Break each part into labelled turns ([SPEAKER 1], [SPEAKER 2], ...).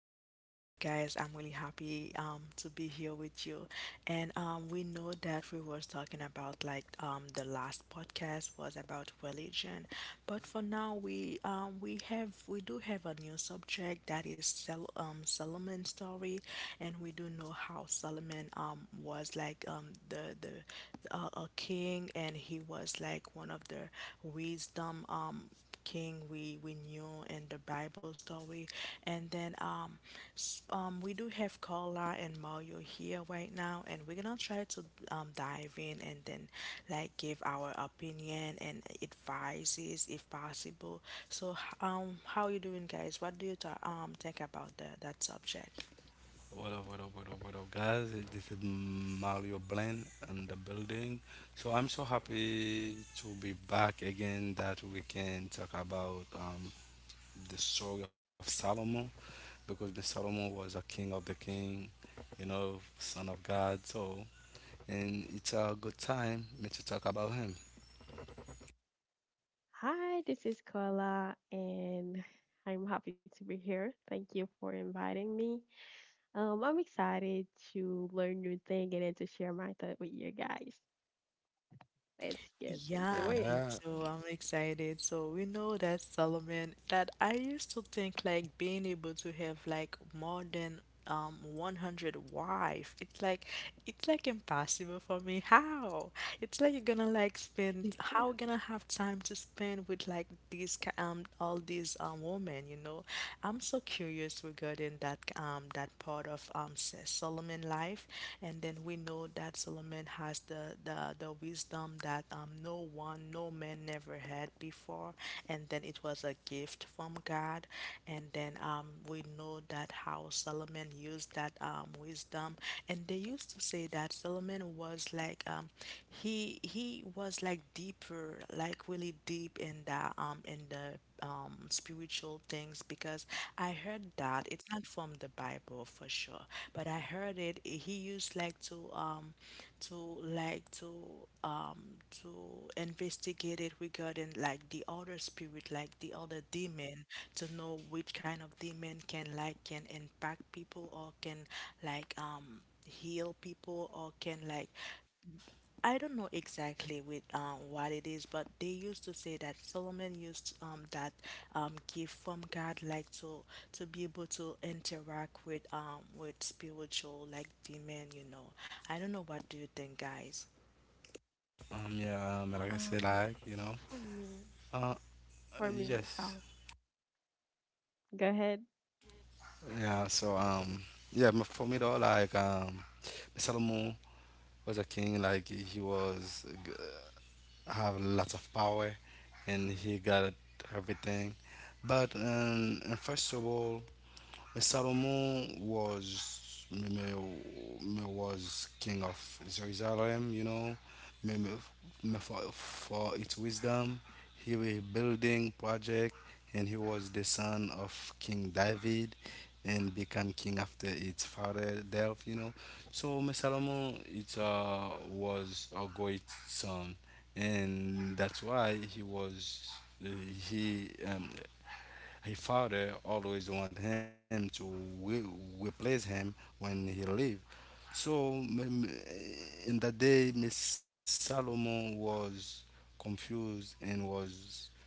[SPEAKER 1] Welcome back, guys. I'm really happy to be here with you. And we know that we was talking about the last podcast was about religion, but for now we do have a new subject that is Solomon's story, and we do know how Solomon was like the a king, and he was like one of the wisdom King we knew in the Bible story. And then we do have Carla and Mario here right now, and we're gonna try to dive in and then like give our opinion and advices if possible. So how you doing, guys? What do you think about that subject?
[SPEAKER 2] What up, what up, what up, what up, guys? This is Mario Blend in the building. So I'm so happy to be back again that we can talk about the story of Solomon because the Solomon was a king of the king, you know, son of God. So, and it's a good time me to talk about him.
[SPEAKER 3] Hi, this is Koala, and I'm happy to be here. Thank you for inviting me. I'm excited to learn new thing and then to share my thought with you guys. Let's get
[SPEAKER 1] Yeah,
[SPEAKER 3] into it.
[SPEAKER 1] me too.
[SPEAKER 2] Yeah,
[SPEAKER 1] I'm excited. So we know that Solomon, that I used to think like being able to have like more than 100 wife. It's like impossible for me. How? It's like you're gonna like spend how gonna have time to spend with like all these women, you know? I'm so curious regarding that part of Solomon life, and then we know that Solomon has the wisdom that no man never had before, and then it was a gift from God, and then we know that how Solomon used that wisdom, and they used to say that Solomon was like he was like deeper like really deep in the spiritual things because I heard that it's not from the Bible for sure, but I heard it he used like to like to to investigate it regarding like the other spirit, like the other demon to know which kind of demon can impact people or can like um heal people or can like I don't know exactly with what it is, but they used to say that Solomon used that gift from God, like to be able to interact with spiritual like demon. I don't know. What do you think, guys?
[SPEAKER 2] yeah, like
[SPEAKER 3] Um,
[SPEAKER 2] I said, like, you
[SPEAKER 3] for
[SPEAKER 2] know,
[SPEAKER 3] me,
[SPEAKER 2] uh,
[SPEAKER 3] oh,
[SPEAKER 2] yes,
[SPEAKER 3] go ahead.
[SPEAKER 2] yeah, so, yeah, m- for me though, Solomon was a king, like have lots of power, and he got everything. But in First Samuel, Solomon was me was king of Jerusalem, you know, me, me, me for its wisdom. He was building project and he was the son of King David and become king after its father death, you know. So me Solomon it was a great son and that's why he was he his father always want him to re- replace him when he leave. So in that day, Miss Salomon was confused and was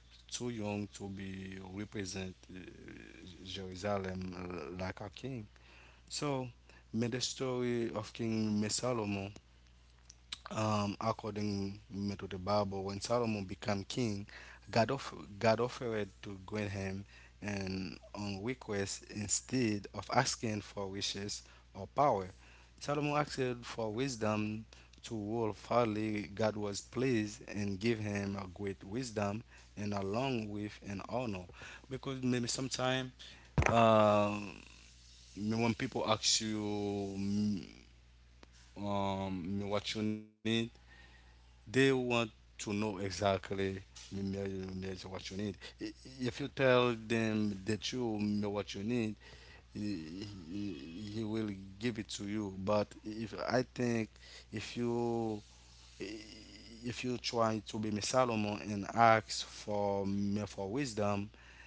[SPEAKER 2] too young to be represent Jerusalem like a king. So made the story of King Miss Salomon according to the Bible, when Solomon became king, God, off- God offered to grant him an on request instead of asking for wishes or power. Solomon asked for wisdom to rule fairly. God was pleased and gave him a great wisdom and along with an honor. Because maybe sometimes um, when people ask you what you need, they want to know exactly what you need. If you tell them that you know what you need, he, he will give it to you. But if I think if you if you try to be Miss Solomon and ask for me for wisdom,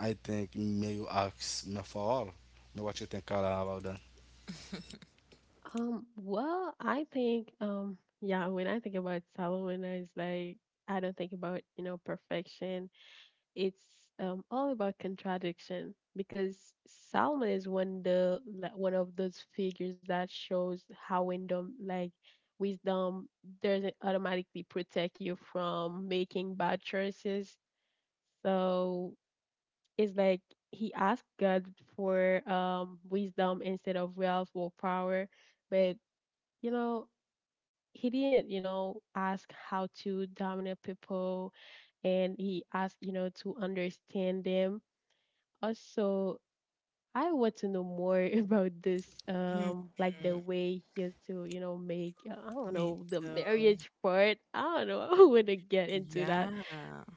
[SPEAKER 2] I think may you ask me for all. Know what you think, Carla, about that?
[SPEAKER 3] I think, when I think about Salomon, it's like I don't think about, perfection. It's all about contradiction because Salma is one of those figures that shows how wisdom, wisdom, doesn't automatically protect you from making bad choices. So it's like he asked God for wisdom instead of wealth or power, but you know he didn't ask how to dominate people, and he asked to understand them also. I want to know more about this,
[SPEAKER 1] Mm,
[SPEAKER 3] like the way he has to, make, I don't
[SPEAKER 1] me
[SPEAKER 3] know, the
[SPEAKER 1] too.
[SPEAKER 3] marriage part. I don't know. I want to get into that.
[SPEAKER 1] Yeah.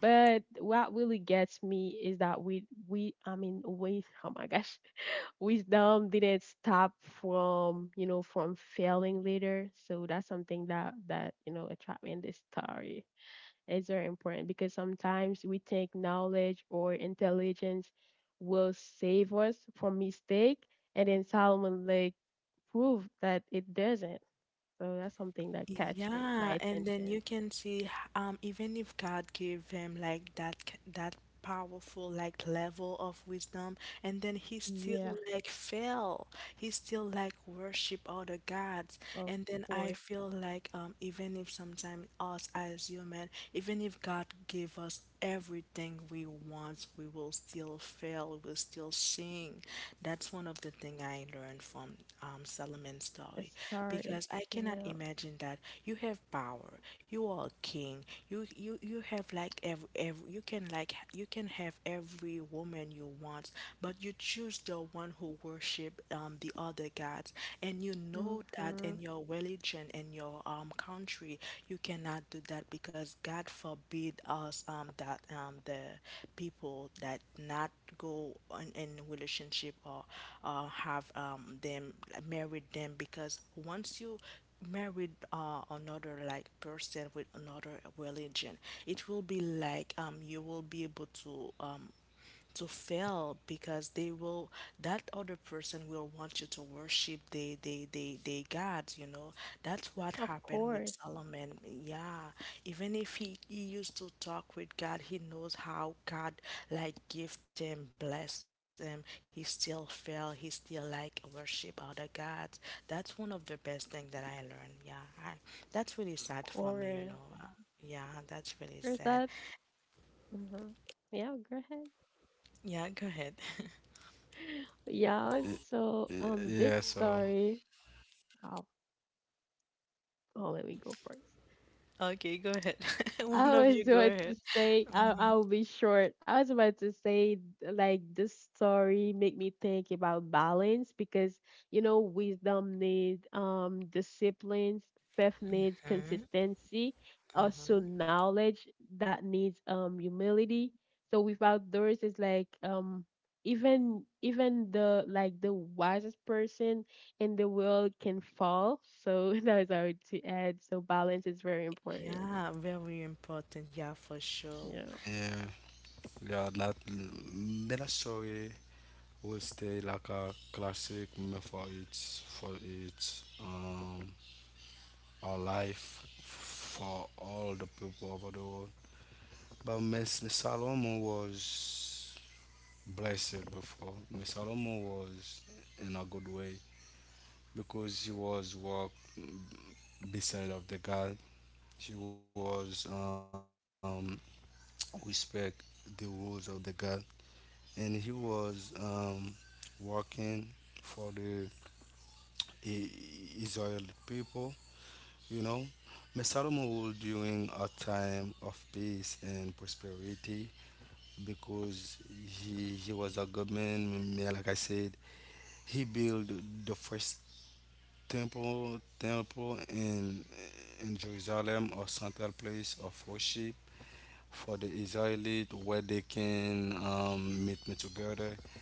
[SPEAKER 3] But what really gets me is that I mean, we, oh my gosh, wisdom didn't stop from, from failing later. So that's something that, attract me in this story. It's very important because sometimes we think knowledge or intelligence will save us from mistake, and then Solomon Lake proved that it doesn't. So that's something that catch me my
[SPEAKER 1] Yeah, and then you
[SPEAKER 3] attention.
[SPEAKER 1] can see even if God gave him like that powerful like level of wisdom and then he still
[SPEAKER 3] Yeah,
[SPEAKER 1] like fell. He still like worship other gods.
[SPEAKER 3] of
[SPEAKER 1] And then I
[SPEAKER 3] course.
[SPEAKER 1] feel like even if sometimes us as human, even if God gave us everything we want, we will still fail, we'll still sing. That's one of the thing I learned from Solomon's
[SPEAKER 3] The
[SPEAKER 1] story
[SPEAKER 3] story.
[SPEAKER 1] because I cannot
[SPEAKER 3] Yeah.
[SPEAKER 1] imagine that you have power, you are a king, you have like every you can have every woman you want, but you choose the one who worship the other gods, and you know that
[SPEAKER 3] Mm-hmm.
[SPEAKER 1] in your religion, in your country, you cannot do that because God forbid us that the people that not go in relationship or have them married them because once you married another like person with another religion it will be like you will be able to fail because they will that other person will want you to worship the gods. That's what
[SPEAKER 3] Of
[SPEAKER 1] happened with
[SPEAKER 3] course.
[SPEAKER 1] Solomon. Yeah, even if he used to talk with God, he knows how God like gift him, bless him. He still fail. He still like worship other gods. That's one of the best thing that I learned. Yeah, I, that's really sad for
[SPEAKER 3] Of
[SPEAKER 1] me. Uh,
[SPEAKER 3] course.
[SPEAKER 1] yeah, that's really sad.
[SPEAKER 3] There's that. Mm-hmm. Yeah, go ahead.
[SPEAKER 1] Yeah, go ahead.
[SPEAKER 3] Yeah, so
[SPEAKER 2] Yeah.
[SPEAKER 3] this
[SPEAKER 2] So
[SPEAKER 3] story oh, oh let me go first.
[SPEAKER 1] Okay, go ahead. One
[SPEAKER 3] I
[SPEAKER 1] of you,
[SPEAKER 3] was
[SPEAKER 1] go
[SPEAKER 3] about to
[SPEAKER 1] ahead.
[SPEAKER 3] say I
[SPEAKER 1] Mhm.
[SPEAKER 3] I'll be short. I was about to say Like this story make me think about balance because you know wisdom needs disciplines, faith needs
[SPEAKER 1] Mhm.
[SPEAKER 3] consistency, also
[SPEAKER 1] Mhm.
[SPEAKER 3] knowledge that needs humility. So without those it's like even the wisest person in the world can fall. So that was I would to add. So balance is very important.
[SPEAKER 1] Yeah, very important. Yeah, for sure.
[SPEAKER 3] Yeah.
[SPEAKER 2] yeah, yeah. That little story will stay like a classic meme for its for its our life for all the people over the world. But Miss Salomon was blessed before. Miss Salomon was in a good way because she was walk beside of the God. She was respect the rules of the God and he was working for the I- Israeli people, you know. Messalem ruled during a time of peace and prosperity because he was a good man. Yeah, like I said, he built the first temple in Jerusalem, a central place of worship for the Israeli where they can meet me together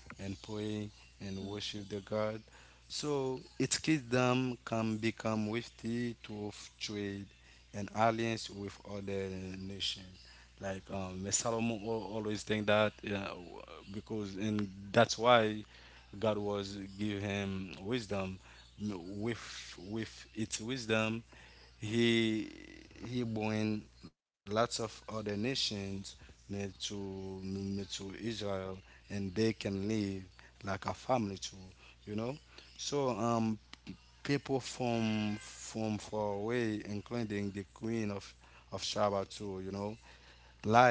[SPEAKER 2] and pray and worship the God. So its kingdom can become wealthy through trade and alliance with other nations. Like Solomon always think that because and that's why God was give him wisdom. With its wisdom, he he bring lots of other nations near to Israel, and they can live like a family too. You know, so people from far away, including the Queen of Shaba too. You know,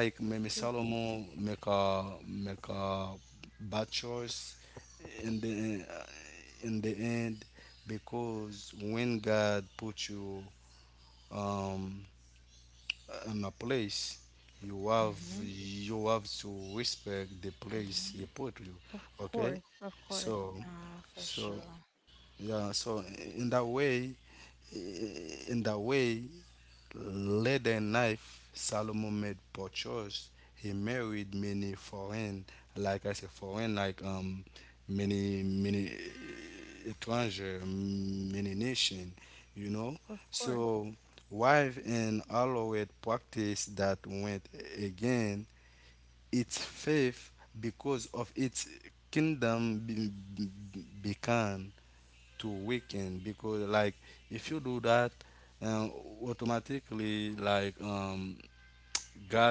[SPEAKER 2] like maybe
[SPEAKER 3] Mhm.
[SPEAKER 2] Solomon make a bad choice in the end because when God put you um on a place you have
[SPEAKER 1] Mhm.
[SPEAKER 2] you have to respect the place he put
[SPEAKER 3] Of
[SPEAKER 2] you.
[SPEAKER 3] course,
[SPEAKER 2] Okay,
[SPEAKER 3] of course,
[SPEAKER 2] so
[SPEAKER 1] Yeah, for
[SPEAKER 2] so
[SPEAKER 1] sure.
[SPEAKER 2] yeah, so in that way in that way later knife. Solomon made poor choice. He married many foreign, like I said, foreign, like many étranger, many nation, you
[SPEAKER 3] of
[SPEAKER 2] know.
[SPEAKER 3] course,
[SPEAKER 2] So wife and allowed practice that went again its faith because of its kingdom began to weekend because like if you do that um, automatically like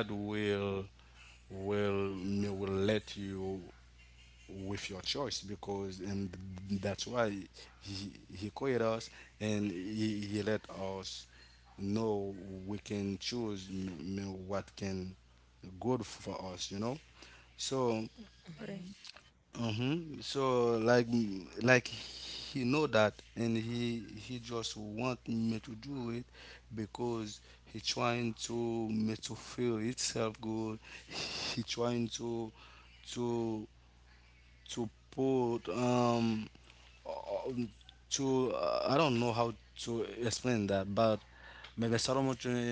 [SPEAKER 2] God will will will let you with your choice because and that's why he created us and he let us know we can choose what can good for us, you know.
[SPEAKER 3] of
[SPEAKER 2] So
[SPEAKER 1] Mhm.
[SPEAKER 3] course.
[SPEAKER 2] mm-hmm. So like like he know that and he just want me to do it because he trying to me to feel itself good. He trying to to put um, to I don't know how to explain that, but maybe Solomon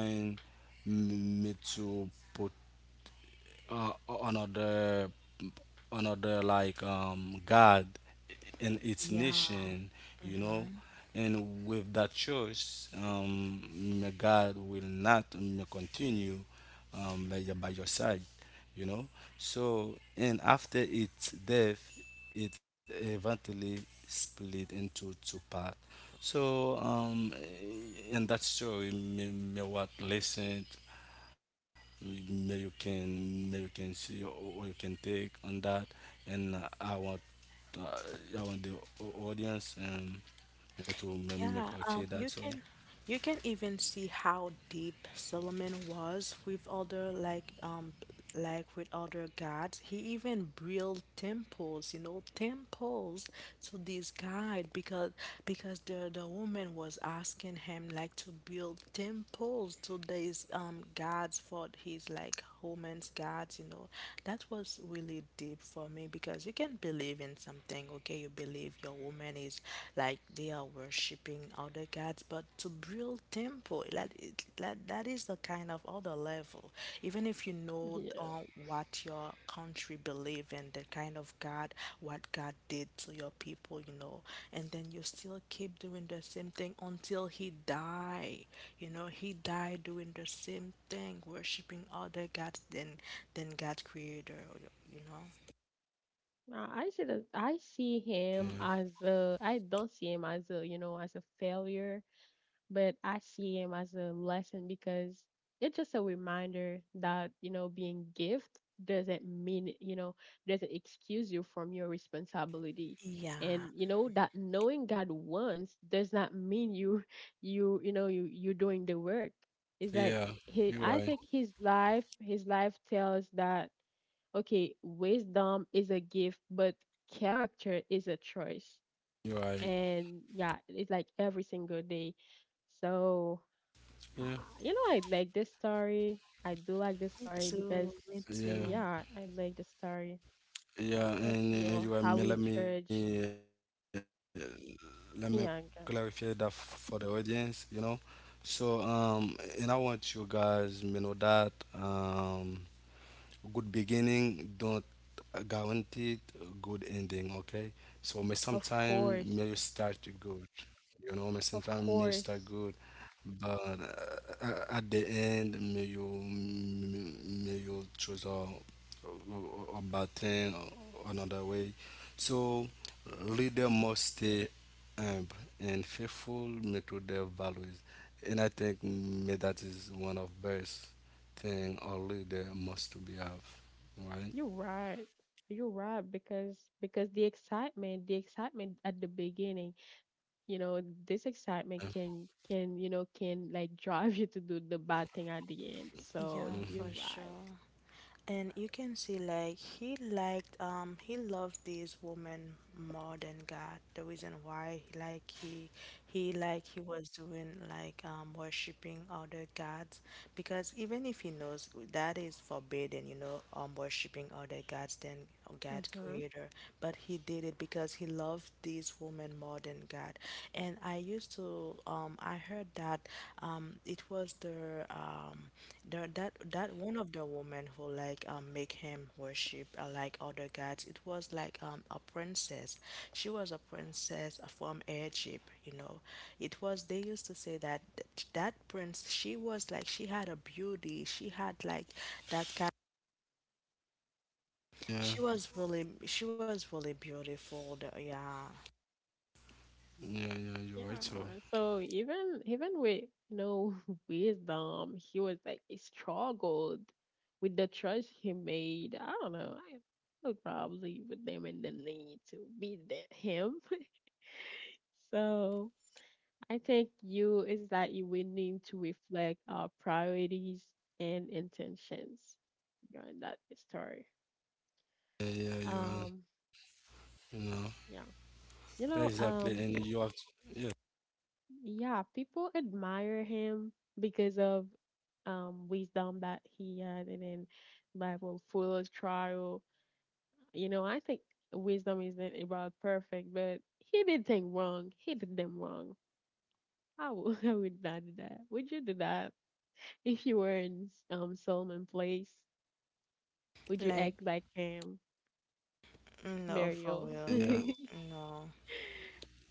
[SPEAKER 2] trying me to put uh, another like God in its
[SPEAKER 1] Yeah.
[SPEAKER 2] nation, you
[SPEAKER 1] Mm-hmm.
[SPEAKER 2] know, and with that choice, may God will not continue by your side, you know. So and after its death, it eventually split into two parts. So in that story, me, me what listened maybe you can see or you can take on that and uh, I want the audience yeah, to
[SPEAKER 1] Yeah,
[SPEAKER 2] make us feel
[SPEAKER 1] you
[SPEAKER 2] that. So
[SPEAKER 1] can you can even see how deep Solomon was with other gods. He even built temples to this god because the woman was asking him like to build temples to these gods for his like woman's gods. That was really deep for me because you can believe in something, okay? You believe your woman man is like they are worshiping other gods but to build temple like, it, like that is the kind of other level, even if you know
[SPEAKER 3] Yeah,
[SPEAKER 1] what your country believe in, the kind of god, what god did to your people, you know. And then you still keep doing the same thing until he die, you know. He died doing the same thing worshiping other gods than God creator you know
[SPEAKER 3] I see that. I see him
[SPEAKER 2] yeah,
[SPEAKER 3] as a. I don't see him as a. You know, as a failure. But I see him as a lesson because it's just a reminder that, being gift doesn't mean, doesn't excuse you from your responsibility. And
[SPEAKER 1] yeah,
[SPEAKER 3] you know that knowing God wants does not mean you you you know you you're doing the work. It's like
[SPEAKER 2] yeah,
[SPEAKER 3] he I
[SPEAKER 2] you're
[SPEAKER 3] think
[SPEAKER 2] right,
[SPEAKER 3] his life tells that okay, wisdom is a gift, but character is a choice.
[SPEAKER 2] you're right,
[SPEAKER 3] And yeah, it's like every single day. So, uh,
[SPEAKER 2] yeah,
[SPEAKER 3] I like this story. I do like this
[SPEAKER 1] me
[SPEAKER 3] story
[SPEAKER 1] too,
[SPEAKER 3] because,
[SPEAKER 1] me too.
[SPEAKER 2] yeah,
[SPEAKER 3] yeah, I like the story.
[SPEAKER 2] yeah. And
[SPEAKER 3] But
[SPEAKER 2] uh,
[SPEAKER 3] you
[SPEAKER 2] you are,
[SPEAKER 3] know
[SPEAKER 2] let
[SPEAKER 3] how we
[SPEAKER 2] me
[SPEAKER 3] judge
[SPEAKER 2] let me clarify that for the
[SPEAKER 3] younger.
[SPEAKER 2] audience, you know. So and I want you guys to know that good beginning don't guarantee good ending, okay? So may sometime
[SPEAKER 3] Of
[SPEAKER 2] may you start
[SPEAKER 3] course,
[SPEAKER 2] good, you know, may sometime may
[SPEAKER 3] of
[SPEAKER 2] start good,
[SPEAKER 3] course,
[SPEAKER 2] but at the end may you choose a bad thing or another way. So leader must stay humble and faithful may to their values, and I think may that is one of best thing only they must be have, right?
[SPEAKER 3] you're right. You're right because the excitement, at the beginning, you know, this excitement can like drive you to do the bad thing at the end. So
[SPEAKER 1] Yeah, for
[SPEAKER 3] you're
[SPEAKER 2] Mm-hmm.
[SPEAKER 3] right.
[SPEAKER 1] sure.
[SPEAKER 3] You're
[SPEAKER 1] And you
[SPEAKER 3] right.
[SPEAKER 1] can see like he loved this woman more than God. The reason why like he was doing worshiping other gods because even if he knows that is forbidden, worshiping other gods then or God
[SPEAKER 3] Mm-hmm.
[SPEAKER 1] creator, but he did it because he loved this woman more than God. And I used to I heard that it was the that that one of the women who like make him worship like other gods. It was like a princess. She was a princess from Egypt. It was They used to say that prince she was like she had a beauty. She had like that kind she
[SPEAKER 2] Yeah,
[SPEAKER 1] was really, she was really beautiful though, yeah.
[SPEAKER 2] yeah, yeah, you're right,
[SPEAKER 3] Yeah,
[SPEAKER 2] so.
[SPEAKER 3] so even with no wisdom, he was like he struggled with the choice he made. I don't know. I would probably put them in the need to beat him. So I think you is that you will need to reflect our priorities and intentions during that story.
[SPEAKER 2] Yeah, yeah, you
[SPEAKER 3] Um,
[SPEAKER 2] are, you know,
[SPEAKER 3] yeah, you know,
[SPEAKER 2] exactly,
[SPEAKER 3] um,
[SPEAKER 2] and you have, to, yeah,
[SPEAKER 3] Yeah, people admire him because of wisdom that he has, and then Bible full of trial. You know, I think wisdom isn't about perfect, but he did things wrong. He did them wrong. I would I would not do that. Would you do that? If you were in Solomon place, would you
[SPEAKER 1] Like,
[SPEAKER 3] act like him,
[SPEAKER 1] no, for
[SPEAKER 3] Mario?
[SPEAKER 2] yeah.
[SPEAKER 1] real. No,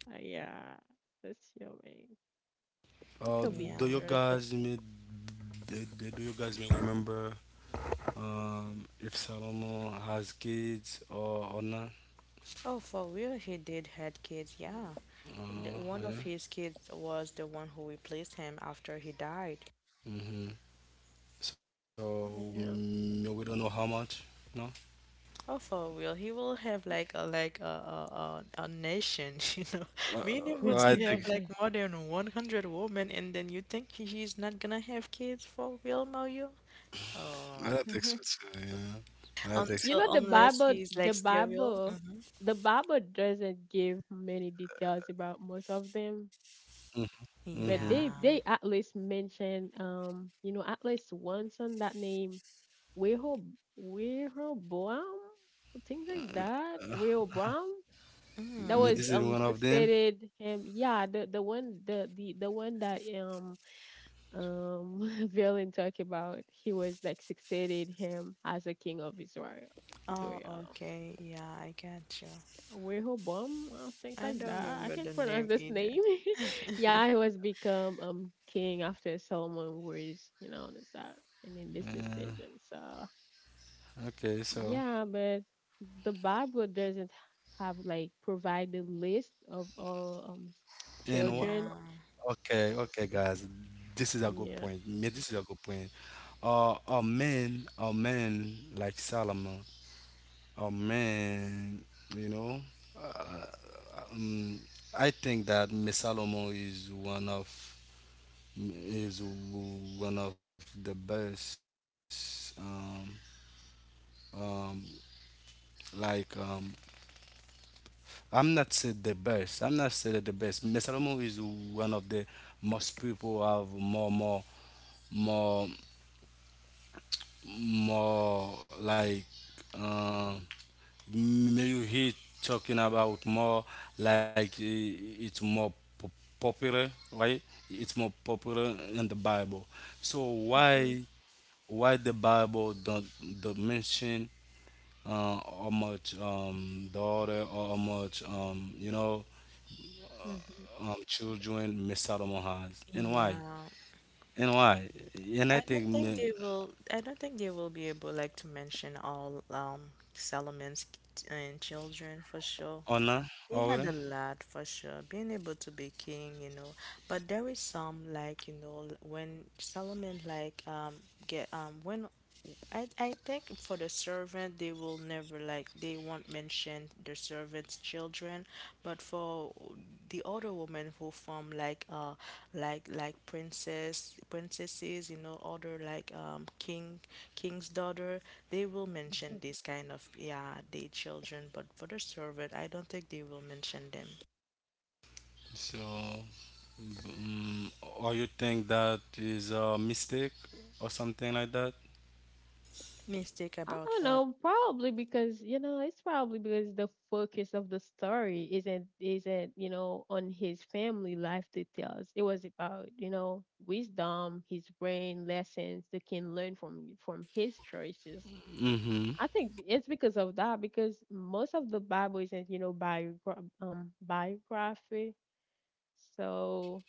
[SPEAKER 3] Yeah, that's your way. It could
[SPEAKER 2] Uh,
[SPEAKER 3] be
[SPEAKER 1] yeah.
[SPEAKER 2] do
[SPEAKER 3] fear,
[SPEAKER 2] you
[SPEAKER 3] just
[SPEAKER 2] guys me, do you guys me remember, if Salomon has kids or not?
[SPEAKER 1] Oh, for real, he did had kids, yeah. One of
[SPEAKER 2] Yeah.
[SPEAKER 1] his kids was the one who replaced him after he died.
[SPEAKER 2] Mm-hmm. So
[SPEAKER 3] yeah.
[SPEAKER 2] we don't know how much, no?
[SPEAKER 1] Oh, for real, he will have like a nation,
[SPEAKER 2] Uh,
[SPEAKER 1] being able to
[SPEAKER 2] I
[SPEAKER 1] have
[SPEAKER 2] think
[SPEAKER 1] like more than 100 women, and then you think he's not gonna have kids for real, Mario? Oh,
[SPEAKER 2] I think so too, yeah. I
[SPEAKER 1] until
[SPEAKER 2] think
[SPEAKER 3] The
[SPEAKER 1] unless
[SPEAKER 3] Bible,
[SPEAKER 1] he's like sterile.
[SPEAKER 3] Doesn't give many details about most of them,
[SPEAKER 2] mm-hmm.
[SPEAKER 3] but they
[SPEAKER 1] Yeah.
[SPEAKER 3] they at least mention at least once on that name Rehob Rehoboam, things like that, Rehoboam, that
[SPEAKER 1] Mm.
[SPEAKER 3] was
[SPEAKER 2] Yeah, this is one of them.
[SPEAKER 3] succeeded him, yeah, the one that um Valen talked about, he was like succeeded him as a king of Israel.
[SPEAKER 1] Oh,
[SPEAKER 3] Israel
[SPEAKER 1] okay. Yeah, I got you.
[SPEAKER 3] Rehoboam, things
[SPEAKER 1] I
[SPEAKER 3] like
[SPEAKER 1] don't
[SPEAKER 3] that. I
[SPEAKER 1] remember
[SPEAKER 3] can't
[SPEAKER 1] the
[SPEAKER 3] pronounce
[SPEAKER 1] name
[SPEAKER 3] this
[SPEAKER 1] either.
[SPEAKER 3] name. Yeah, he was become king after Solomon was, decide and in this decision.
[SPEAKER 2] Uh,
[SPEAKER 3] So
[SPEAKER 2] okay, so
[SPEAKER 3] yeah, but the Bible doesn't have like provide the list of all
[SPEAKER 2] and
[SPEAKER 3] children.
[SPEAKER 1] Yeah.
[SPEAKER 2] okay, okay, guys, this is a good
[SPEAKER 3] Yeah.
[SPEAKER 2] point. Me- This is a good point. A man, like Solomon, a man, you know. Mm, I think that Miss Solomon is one of the best. Um, like um, I'm not say the best. I'm not say the best. Mesalomo is one of the most people have more more like um may you hear talking about more like it's more popular, right? It's more popular in the Bible. So why the Bible don't mention how much the order or how much you know
[SPEAKER 3] hmm
[SPEAKER 2] children miss out on has. And why?
[SPEAKER 1] Yeah.
[SPEAKER 2] And why? And I
[SPEAKER 1] I
[SPEAKER 2] think
[SPEAKER 1] don't think
[SPEAKER 2] me-
[SPEAKER 1] they will be able like to mention all Salomon's and children for sure.
[SPEAKER 2] honor
[SPEAKER 1] He had a
[SPEAKER 2] already.
[SPEAKER 1] lot for sure, being able to be king. But there is some like when Solomon like get when I think for the servant they will never like they won't mention the servant's children, but for the other women who form like princesses other like king's daughter they will mention this kind of yeah their children but for the servant I don't think they will mention them.
[SPEAKER 2] So, mm or you think that is a mistake or something like that?
[SPEAKER 1] Mistake
[SPEAKER 3] I
[SPEAKER 1] about
[SPEAKER 3] don't
[SPEAKER 1] what?
[SPEAKER 3] know, probably because it's probably because the focus of the story isn't on his family life details. It was about wisdom, his brain lessons they can learn from his choices.
[SPEAKER 2] Mm-hmm.
[SPEAKER 3] I think it's because of that because most of the Bible isn't biography, so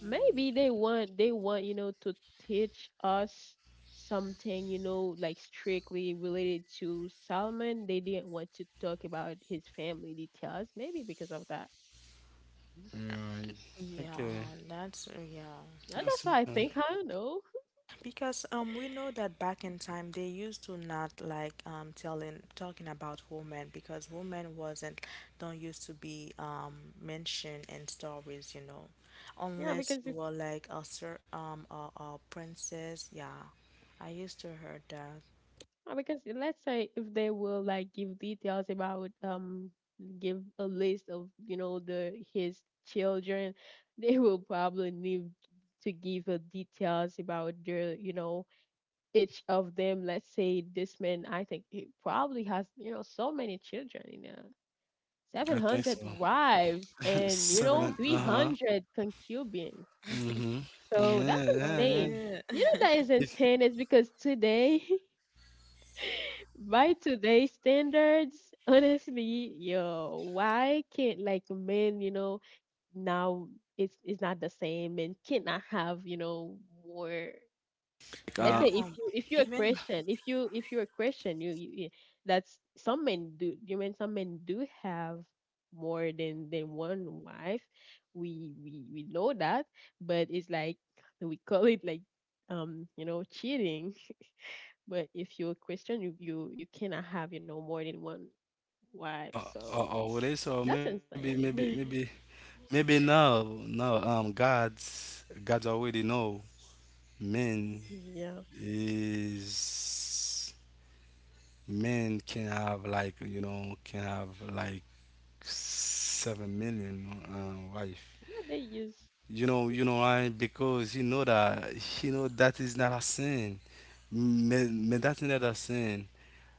[SPEAKER 3] maybe they want to teach us something like strictly related to Solomon. They didn't want to talk about his family details, maybe because of that.
[SPEAKER 2] Right. Okay.
[SPEAKER 1] Yeah, that's yeah.
[SPEAKER 3] Yeah, that's
[SPEAKER 2] That's
[SPEAKER 3] what
[SPEAKER 2] all.
[SPEAKER 3] I think. I don't know.
[SPEAKER 1] Because we know that back in time they used to not like telling talking about women because women wasn't don't used to be mentioned in stories,
[SPEAKER 3] Yeah,
[SPEAKER 1] unless
[SPEAKER 3] because
[SPEAKER 1] you
[SPEAKER 3] if
[SPEAKER 1] were like a a princess. Yeah, I used to heard that.
[SPEAKER 3] because let's say if they will like give details about give a list of the his children, they will probably need to give details about their each of them. Let's say this man, I think he probably has, so many children,
[SPEAKER 2] I think
[SPEAKER 3] 700
[SPEAKER 2] so.
[SPEAKER 3] wives and,
[SPEAKER 2] Seven.
[SPEAKER 1] Yeah,
[SPEAKER 2] And- Uh-huh.
[SPEAKER 3] 300 concubines.
[SPEAKER 2] Mm-hmm.
[SPEAKER 3] So
[SPEAKER 2] Yeah,
[SPEAKER 3] that's
[SPEAKER 2] yeah,
[SPEAKER 1] for
[SPEAKER 2] yeah.
[SPEAKER 3] insane.
[SPEAKER 1] real.
[SPEAKER 3] That is
[SPEAKER 2] If
[SPEAKER 3] insane. It's because today, by today's standards, honestly, yo, why can't like men, now it's not the same and cannot have more.
[SPEAKER 2] like
[SPEAKER 3] Let's
[SPEAKER 1] Yeah,
[SPEAKER 3] say If you're a
[SPEAKER 1] even
[SPEAKER 3] Christian, if you're a Christian, you that's some men do. You mean some men do have more than one wife. We know that, but it's like we call it like cheating. But if you're a Christian, you cannot have more than one wife. So
[SPEAKER 2] already, so
[SPEAKER 3] that's insane.
[SPEAKER 2] maybe no, no. God's already know men.
[SPEAKER 3] Yeah,
[SPEAKER 2] Is men can have like you know can have like 7,000,000 wife.
[SPEAKER 3] they use.
[SPEAKER 2] You know why? Because you know that is not a sin. Man, man, that's not a sin.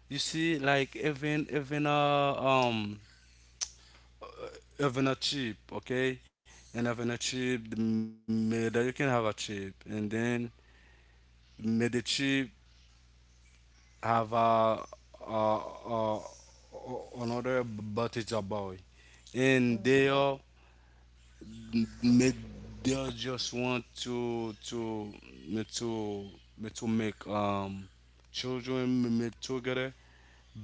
[SPEAKER 2] You see, like even a even a chip, okay, and even a chip, the- may that you can have a chip, and then may the chip have uh, uh, another but it's a boy,
[SPEAKER 3] uh
[SPEAKER 2] and they are they they just want to to make children make together,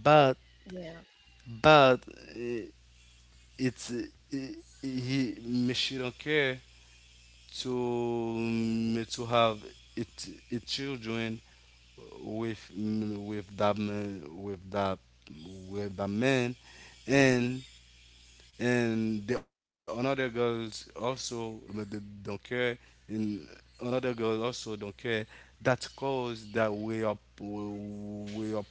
[SPEAKER 2] but
[SPEAKER 3] Yeah,
[SPEAKER 2] but uh, it's he she don't care to have it, it children with with that man and the another girls also but they don't care and another girl also don't care that cause that we are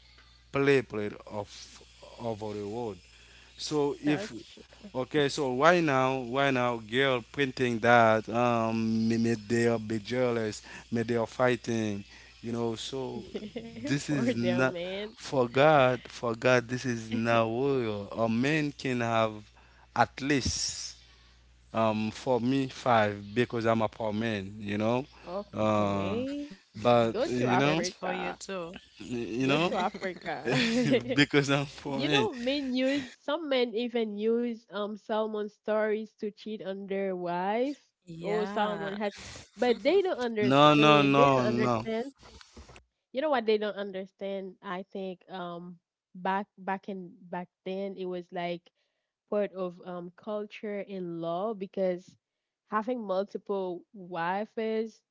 [SPEAKER 2] play played off over the world, so if
[SPEAKER 3] that's
[SPEAKER 2] okay so why now girl printing that may they are be jealous may they are fighting, you know. So this
[SPEAKER 3] for
[SPEAKER 2] is
[SPEAKER 3] their
[SPEAKER 2] not
[SPEAKER 3] man.
[SPEAKER 2] for god, for god this is not real. A man can have at least for me five because I'm a poor man, you know. Uh,
[SPEAKER 3] Okay.
[SPEAKER 2] but
[SPEAKER 1] that's
[SPEAKER 3] Go to
[SPEAKER 1] for you too.
[SPEAKER 3] Africa.
[SPEAKER 2] you
[SPEAKER 3] Go to
[SPEAKER 2] know,
[SPEAKER 3] Africa.
[SPEAKER 2] because I'm poor
[SPEAKER 3] You
[SPEAKER 2] man.
[SPEAKER 3] know, men use Some men even use Salmon stories to cheat on their wife. Oh,
[SPEAKER 1] Yeah.
[SPEAKER 3] Salmon has, but they don't
[SPEAKER 2] No, no,
[SPEAKER 3] understand. They
[SPEAKER 2] no,
[SPEAKER 3] don't
[SPEAKER 2] no.
[SPEAKER 3] understand. You know what they don't understand? I think back then it was like part of culture and law because having multiple wives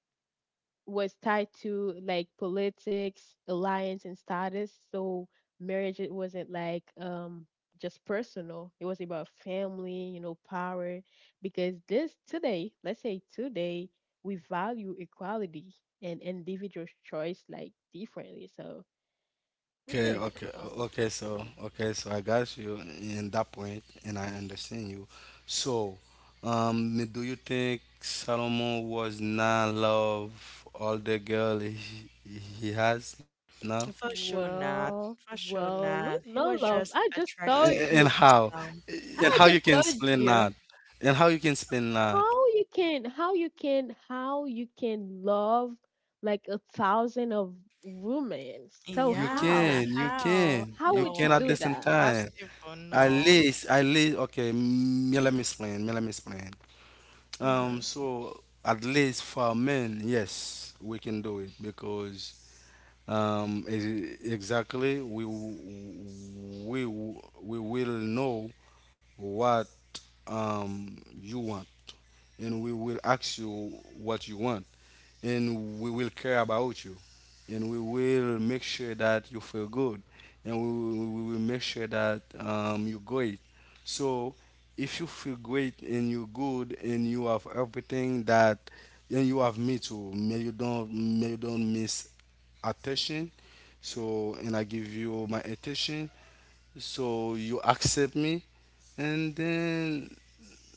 [SPEAKER 3] was tied to like politics, alliance, and status. So marriage it wasn't like just personal. It was about family, power. Because this today, let's say today, we value equality and individual choice like differently. So I
[SPEAKER 2] Okay,
[SPEAKER 3] think
[SPEAKER 2] okay,
[SPEAKER 3] um
[SPEAKER 2] okay. So,
[SPEAKER 3] y-
[SPEAKER 2] okay, so I got you in that point, and I understand you. So, do you think Solomon was not love all the girl he has now?
[SPEAKER 1] For sure not.
[SPEAKER 3] well
[SPEAKER 1] For sure
[SPEAKER 3] well
[SPEAKER 1] not.
[SPEAKER 3] let's
[SPEAKER 1] He
[SPEAKER 3] not
[SPEAKER 1] was
[SPEAKER 3] love.
[SPEAKER 1] just
[SPEAKER 3] I just
[SPEAKER 2] And
[SPEAKER 3] told
[SPEAKER 1] attracted
[SPEAKER 3] you.
[SPEAKER 1] to
[SPEAKER 2] how?
[SPEAKER 1] some.
[SPEAKER 2] And how
[SPEAKER 3] I
[SPEAKER 2] you can
[SPEAKER 3] just told
[SPEAKER 2] explain that?
[SPEAKER 3] you.
[SPEAKER 2] And how you can explain that?
[SPEAKER 3] How you can love like a thousand of women. So
[SPEAKER 2] You
[SPEAKER 1] Yeah,
[SPEAKER 2] can,
[SPEAKER 3] how
[SPEAKER 2] you
[SPEAKER 1] how?
[SPEAKER 2] can,
[SPEAKER 3] how
[SPEAKER 2] you
[SPEAKER 3] would you
[SPEAKER 2] can
[SPEAKER 1] No,
[SPEAKER 2] at
[SPEAKER 3] do
[SPEAKER 2] the
[SPEAKER 1] it's
[SPEAKER 2] same
[SPEAKER 3] that?
[SPEAKER 2] time.
[SPEAKER 1] impossible. No.
[SPEAKER 2] At least, okay, let me explain, let me explain.
[SPEAKER 3] hmm
[SPEAKER 2] So at least for men, yes, we can do it because exactly we will know what you want, and we will ask you what you want. And we will care about you, and we will make sure that you feel good, and we will make sure that you're great. So if you feel great and you're good and you have everything that, and you have me too, may you don't miss attention. So and I give you my attention, so you accept me, and then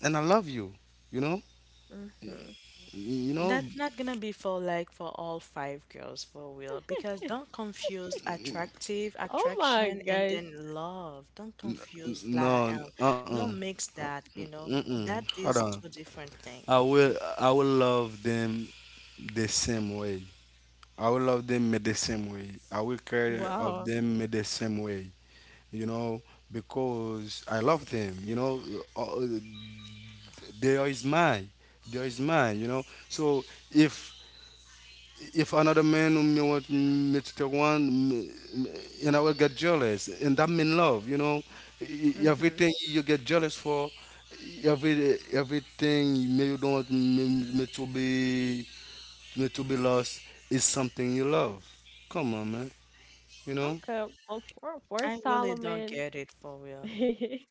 [SPEAKER 2] and I love you, you know
[SPEAKER 3] hmm
[SPEAKER 2] you know.
[SPEAKER 1] That's not gonna be for like for all five girls for real. Because don't confuse attractive,
[SPEAKER 3] oh my
[SPEAKER 1] attraction, and
[SPEAKER 3] gosh.
[SPEAKER 1] then love. Don't confuse
[SPEAKER 2] No, uh-uh.
[SPEAKER 1] don't mix that.
[SPEAKER 2] Mm-mm.
[SPEAKER 1] That
[SPEAKER 2] Hold
[SPEAKER 1] is
[SPEAKER 2] on.
[SPEAKER 1] two different
[SPEAKER 2] I
[SPEAKER 1] things.
[SPEAKER 2] will I will love them the same way. I will love them the same way. I will care of
[SPEAKER 3] Wow.
[SPEAKER 2] them the same way. You know, because I love them. You know, Uh, uh, they is mine. They is mine. You know. So if if another man me want me to take one, and I will get jealous, and that mean love, you know.
[SPEAKER 3] Hmm,
[SPEAKER 2] Everything you get jealous for, everything me you don't want me to be me to be lost is something you love. Come on, man, you know.
[SPEAKER 3] okay, well, for
[SPEAKER 1] I really don't
[SPEAKER 3] Solomon.
[SPEAKER 1] get it for real.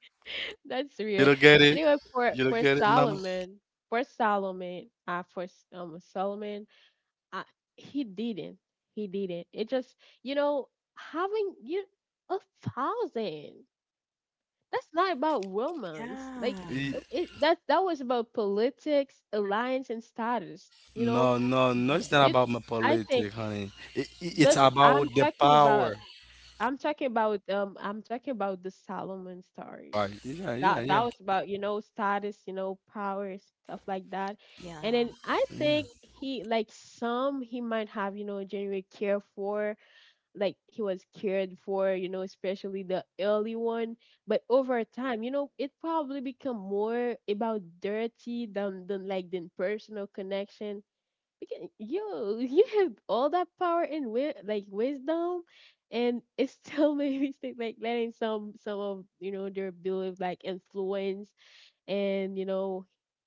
[SPEAKER 3] That's
[SPEAKER 2] You
[SPEAKER 3] weird.
[SPEAKER 2] don't get it.
[SPEAKER 3] Anyway,
[SPEAKER 2] You don't
[SPEAKER 3] for
[SPEAKER 2] get it, mama.
[SPEAKER 3] solomon for solomon for S- Solomon, I, he didn't. He didn't. It just, you know, having you a thousand. That's not about romance. Like,
[SPEAKER 1] Yeah.
[SPEAKER 3] it,
[SPEAKER 2] E-
[SPEAKER 3] it, that that was about politics, alliance, and status.
[SPEAKER 2] No, no, no.
[SPEAKER 3] M-
[SPEAKER 2] It's not
[SPEAKER 3] you.
[SPEAKER 2] about my
[SPEAKER 3] I think
[SPEAKER 2] politics, honey. It's
[SPEAKER 3] this.
[SPEAKER 2] about
[SPEAKER 3] I'm
[SPEAKER 2] the
[SPEAKER 3] talking
[SPEAKER 2] power.
[SPEAKER 3] about. I'm talking about. I'm talking about the Solomon story
[SPEAKER 2] Right? Yeah, yeah,
[SPEAKER 3] that
[SPEAKER 2] yeah.
[SPEAKER 3] was about status, power, stuff like that. And then
[SPEAKER 1] Yeah.
[SPEAKER 3] I
[SPEAKER 2] Yeah.
[SPEAKER 3] think he like some he might have, genuine care for, like he was cared for, especially the early one. But over time, it probably become more about dirty than personal connection. We can, yo, you have all that power and wisdom, and it still made me think, like, letting some of their belief, like, influence and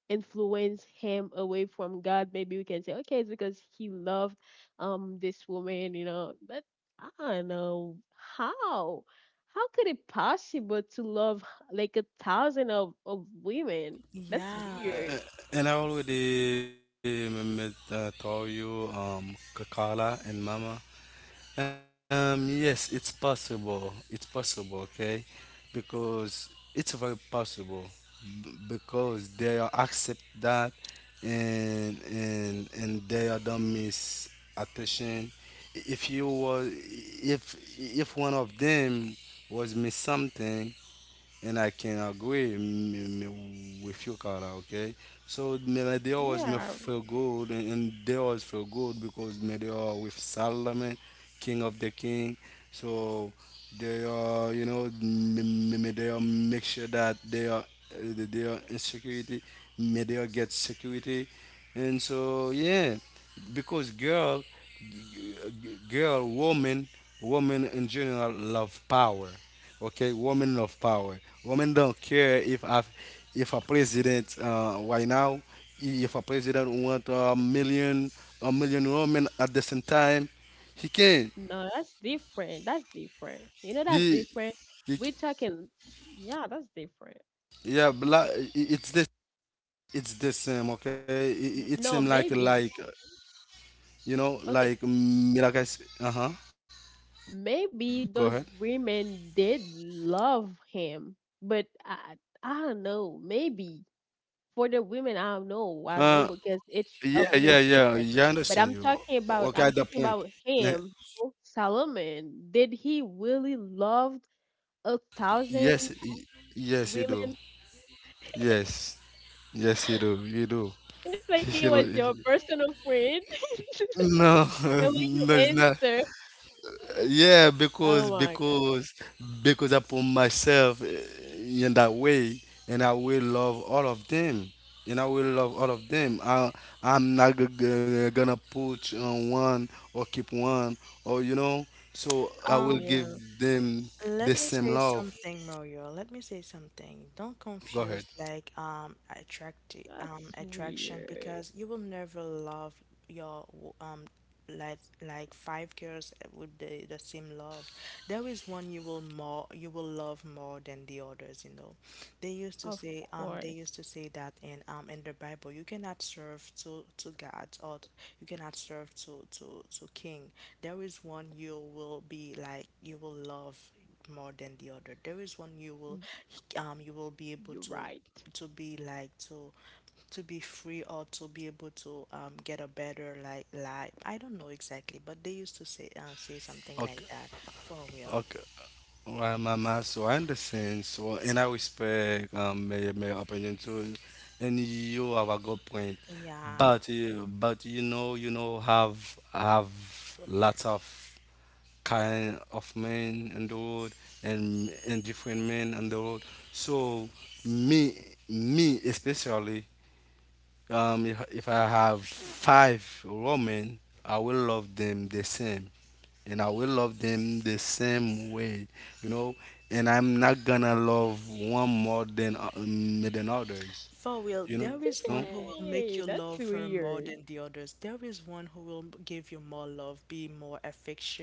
[SPEAKER 3] influence him away from God. Maybe we can say okay, it's because he loved this woman, but I don't know how. How could it possible to love like a thousand of women? That's
[SPEAKER 1] Yeah.
[SPEAKER 3] weird.
[SPEAKER 2] And I already told you, and Mama. Yes, it's possible. It's possible, okay? Because it's very possible. Because they are accept that, and and they are don't miss attention. If you was, if if one of them was miss something, and I can agree with you, Carla. Okay, so man, like, they always me
[SPEAKER 3] Yeah.
[SPEAKER 2] feel good, and, they always feel good because man, they are with Solomon, King of the King. So they are, you know, they are make sure that they are in security. May they are get security, and so yeah, because girl g- girl, woman, woman in general love power. Okay, woman love power. Women don't care if a president right now, if a president want a million women at the same time, he can.
[SPEAKER 3] No, that's different. That's different. That's
[SPEAKER 2] He,
[SPEAKER 3] different.
[SPEAKER 2] he
[SPEAKER 3] We're
[SPEAKER 2] c-
[SPEAKER 3] talking, yeah, that's different.
[SPEAKER 2] yeah, it's the same. Okay,
[SPEAKER 3] N-
[SPEAKER 2] it
[SPEAKER 3] No,
[SPEAKER 2] seems
[SPEAKER 3] maybe.
[SPEAKER 2] like you know
[SPEAKER 3] Okay.
[SPEAKER 2] like mm, like uh huh. Go ahead.
[SPEAKER 3] Maybe those women did love him, but I don't know. Maybe for the women, I don't know.
[SPEAKER 2] Uh,
[SPEAKER 3] I don't know because
[SPEAKER 2] Yeah,
[SPEAKER 3] each
[SPEAKER 2] yeah,
[SPEAKER 3] of them is
[SPEAKER 2] yeah. Yeah, I
[SPEAKER 3] different.
[SPEAKER 2] understand
[SPEAKER 3] But
[SPEAKER 2] you.
[SPEAKER 3] I'm talking
[SPEAKER 2] Okay,
[SPEAKER 3] about,
[SPEAKER 2] at the
[SPEAKER 3] I'm talking
[SPEAKER 2] point.
[SPEAKER 3] about
[SPEAKER 2] Yeah,
[SPEAKER 3] him, Solomon. Did he really love a thousand
[SPEAKER 2] yes, y- yes, you do.
[SPEAKER 3] women?
[SPEAKER 2] Yes, yes, you do. You do.
[SPEAKER 3] It's like
[SPEAKER 2] He-
[SPEAKER 3] he was your
[SPEAKER 2] he-
[SPEAKER 3] personal friend.
[SPEAKER 2] No,
[SPEAKER 3] The way you
[SPEAKER 2] no, it's not.
[SPEAKER 3] answer.
[SPEAKER 2] Yeah, because
[SPEAKER 3] Oh my god.
[SPEAKER 2] because because I put myself eh, in that way, and I will love all of them, and I will love all of them. I'm not gonna put on one or keep one or you know. So I will
[SPEAKER 1] Um,
[SPEAKER 2] give
[SPEAKER 3] Yeah,
[SPEAKER 2] them
[SPEAKER 1] Let
[SPEAKER 2] the
[SPEAKER 1] me
[SPEAKER 2] same
[SPEAKER 1] say
[SPEAKER 2] love.
[SPEAKER 1] something, Mario. Let me say something. Don't
[SPEAKER 2] Go
[SPEAKER 1] confuse
[SPEAKER 2] ahead.
[SPEAKER 3] that's
[SPEAKER 1] attraction because
[SPEAKER 3] weird.
[SPEAKER 1] you will never love your w- like five girls with the same love. There is one you will love more than the others, you know. They used to
[SPEAKER 3] Of
[SPEAKER 1] say, they used to
[SPEAKER 3] course,
[SPEAKER 1] say that in the Bible, you cannot serve two gods you cannot serve two king. There is one you will love more than the other. There is one you will be able
[SPEAKER 3] you're right.
[SPEAKER 1] to be like to to be free or to be able to get a better like life. I don't know exactly, but they used to say something like
[SPEAKER 2] Okay.
[SPEAKER 1] that for real.
[SPEAKER 2] Okay. Well, Mama. So I understand. So and I respect my opinion too, and you have a good point.
[SPEAKER 1] Yeah.
[SPEAKER 2] But you know have lots of kind of men on the road and different men on the road. So me me especially if I have 5 women, I will love them the same, and I will love them the same way, you know. And I'm not gonna love one more than others,
[SPEAKER 1] For real,
[SPEAKER 2] you
[SPEAKER 1] there
[SPEAKER 2] know.
[SPEAKER 1] is one who will make
[SPEAKER 3] Hey,
[SPEAKER 1] you
[SPEAKER 3] that's
[SPEAKER 1] love her more
[SPEAKER 3] weird.
[SPEAKER 1] than the others. There is one who will give you more love, be more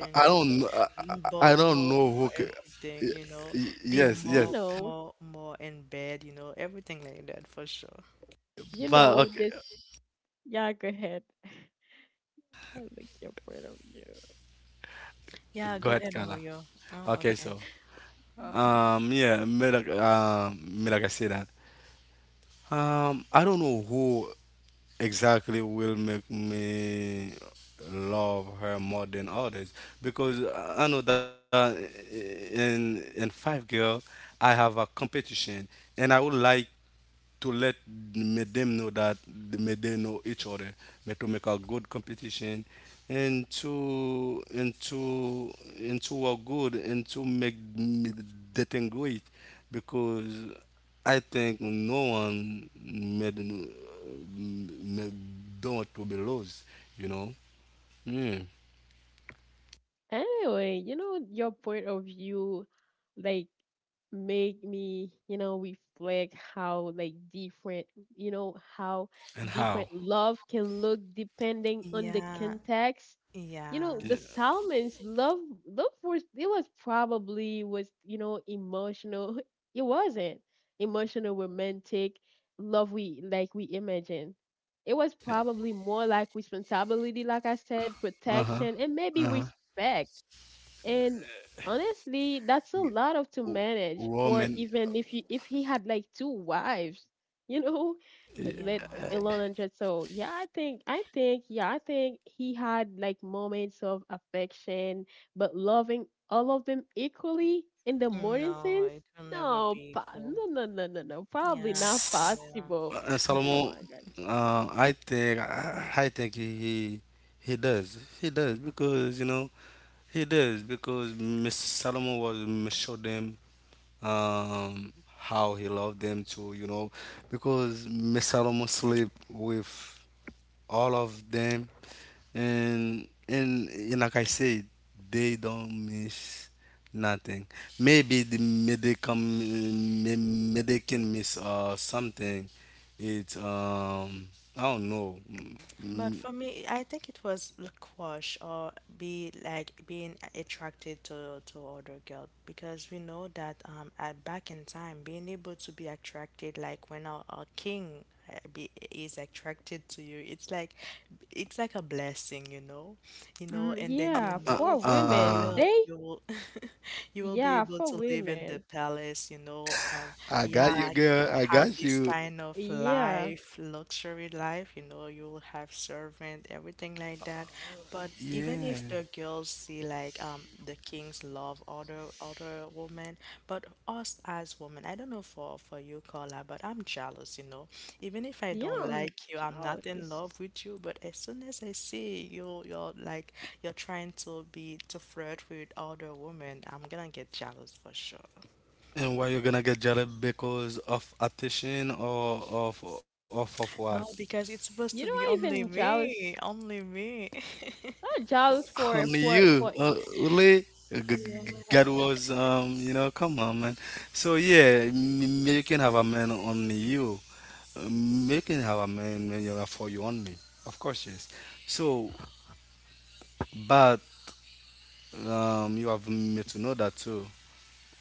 [SPEAKER 2] I don't, kn- I,
[SPEAKER 1] more,
[SPEAKER 2] I don't
[SPEAKER 1] more,
[SPEAKER 2] know
[SPEAKER 1] more
[SPEAKER 2] who.
[SPEAKER 1] everything,
[SPEAKER 2] Y-
[SPEAKER 1] be
[SPEAKER 2] Yes,
[SPEAKER 3] You
[SPEAKER 1] more,
[SPEAKER 2] yes.
[SPEAKER 3] know,
[SPEAKER 1] more, more in bed, everything like that for sure.
[SPEAKER 3] you
[SPEAKER 2] But
[SPEAKER 3] know
[SPEAKER 2] okay,
[SPEAKER 3] this. Yeah, go ahead. I like your point of view.
[SPEAKER 1] Yeah,
[SPEAKER 2] go
[SPEAKER 1] go
[SPEAKER 2] ahead,
[SPEAKER 1] ahead,
[SPEAKER 2] Carla.
[SPEAKER 1] Moyo. Oh,
[SPEAKER 2] Okay,
[SPEAKER 1] okay.
[SPEAKER 2] so yeah, me like I say that. I don't know who exactly will make me love her more than others because I know that in five girl I have a competition, and I would like to let make them know that they make them know each other, but to make a good competition and to and to work good and to make the thing great because I think no one made don't want to be lost, you know. Mm.
[SPEAKER 3] Anyway, your point of view, like, make me, reflect how, like, different, how
[SPEAKER 2] And
[SPEAKER 3] different
[SPEAKER 2] how?
[SPEAKER 3] love can look depending on the
[SPEAKER 1] Yeah,
[SPEAKER 3] context. You know,
[SPEAKER 1] yeah,
[SPEAKER 3] the Salmons' love, love was, you know, emotional. It wasn't emotional, romantic love we imagine it was probably more like responsibility, like I said,
[SPEAKER 2] Uh huh.
[SPEAKER 3] protection, and maybe
[SPEAKER 2] Uh huh.
[SPEAKER 3] respect. And honestly, that's a lot of to manage for
[SPEAKER 2] Roman.
[SPEAKER 3] even if he had like two wives, you know,
[SPEAKER 1] yeah.
[SPEAKER 3] let alone hundred. So yeah, I think he had like moments of affection, but loving all of them equally in the modern
[SPEAKER 1] No,
[SPEAKER 3] sense,
[SPEAKER 1] it will never
[SPEAKER 3] no,
[SPEAKER 1] be equal.
[SPEAKER 3] no, no, no, no, no, probably
[SPEAKER 1] Yeah,
[SPEAKER 3] not
[SPEAKER 1] for
[SPEAKER 2] S-
[SPEAKER 1] real.
[SPEAKER 3] possible.
[SPEAKER 2] Solomon,
[SPEAKER 3] Oh my gosh.
[SPEAKER 2] I think he does. He does because you know he does because Mr. Solomon was Mr. showed them how he loved them too. You know because Mr. Solomon sleep with all of them, and and like I said, they don't miss nothing. Maybe the may they come, may they can miss something. It's I don't know. Mm,
[SPEAKER 1] But
[SPEAKER 2] mm.
[SPEAKER 1] for me, I think it was the crush or be like being attracted to other girl, because we know that at back in time being able to be attracted, like when a king is attracted to you, it's like a blessing, you know,
[SPEAKER 3] Mm,
[SPEAKER 1] and then you
[SPEAKER 3] yeah,
[SPEAKER 2] Uh,
[SPEAKER 3] for
[SPEAKER 1] know for
[SPEAKER 2] uh
[SPEAKER 3] women,
[SPEAKER 1] real
[SPEAKER 3] they
[SPEAKER 1] you will you will be
[SPEAKER 3] yeah,
[SPEAKER 1] able
[SPEAKER 3] for
[SPEAKER 1] to live in the
[SPEAKER 3] women,
[SPEAKER 1] palace, you know,
[SPEAKER 2] I got you,
[SPEAKER 1] yeah,
[SPEAKER 2] girl. I
[SPEAKER 1] have
[SPEAKER 2] got
[SPEAKER 1] this
[SPEAKER 2] you.
[SPEAKER 1] kind of
[SPEAKER 3] yeah.
[SPEAKER 1] life, luxury life, you know, you'll have servant, everything like that. But even
[SPEAKER 2] Yeah.
[SPEAKER 1] if the girls like the kings love other women, but us as women, I don't know for you, Carla, but I'm jealous, you know. Even if I
[SPEAKER 3] Yeah,
[SPEAKER 1] don't
[SPEAKER 3] I'm
[SPEAKER 1] like you, I'm not in
[SPEAKER 3] jealous.
[SPEAKER 1] love with you, but as soon as I see you, you're like you're trying to be to flirt with other women, I'm gonna get jealous for sure.
[SPEAKER 2] And why you gonna get jealous because of attention or of what?
[SPEAKER 1] No, because it's supposed
[SPEAKER 3] You
[SPEAKER 1] to
[SPEAKER 3] know,
[SPEAKER 1] be
[SPEAKER 3] I
[SPEAKER 1] only
[SPEAKER 3] even
[SPEAKER 1] me,
[SPEAKER 3] jealous.
[SPEAKER 1] only me.
[SPEAKER 3] Not jealous
[SPEAKER 2] Only
[SPEAKER 3] for
[SPEAKER 2] you,
[SPEAKER 3] for.
[SPEAKER 2] Ule,
[SPEAKER 1] Yeah.
[SPEAKER 2] God was, you know, come on, man. So yeah, you can have a man only you. You can have a man when you are for you only, of course, yes. So, but you have me to know that too.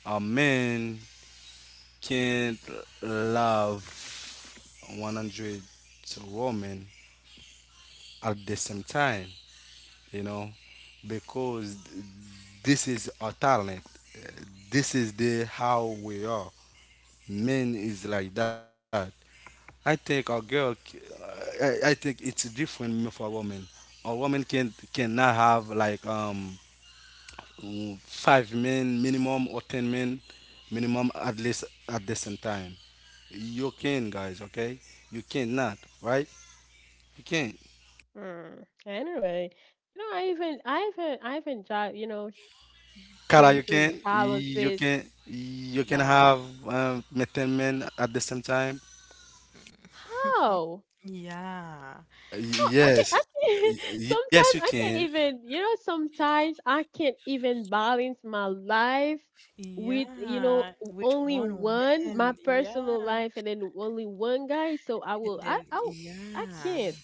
[SPEAKER 2] A man can't love 100 women at the same time. You know, because this is our talent. Uh, This is the how we are. Men is like that. I think a girl, c- I think it's different for a woman. A woman cannot have like 5 men minimum or 10 men minimum at least at the same time. You can, guys. Okay, you cannot, right? You can.
[SPEAKER 3] Mm, anyway, you know, I even jealous. You know,
[SPEAKER 2] Cara,
[SPEAKER 3] crazy jealousies.
[SPEAKER 2] you can
[SPEAKER 3] No,
[SPEAKER 2] have um, men men at the same time.
[SPEAKER 3] how?
[SPEAKER 1] Yeah.
[SPEAKER 3] How I can
[SPEAKER 2] Yes,
[SPEAKER 3] I can.
[SPEAKER 2] yes, you
[SPEAKER 3] Sometimes I
[SPEAKER 2] can.
[SPEAKER 3] can't even. You know, sometimes I can't even balance my life with
[SPEAKER 1] Yeah. Which
[SPEAKER 3] only
[SPEAKER 1] one
[SPEAKER 3] one my
[SPEAKER 1] woman?
[SPEAKER 3] personal
[SPEAKER 1] Yeah.
[SPEAKER 3] life and then only one guy. So I
[SPEAKER 1] And
[SPEAKER 3] will I
[SPEAKER 1] then,
[SPEAKER 3] I I
[SPEAKER 1] yeah,
[SPEAKER 3] can't.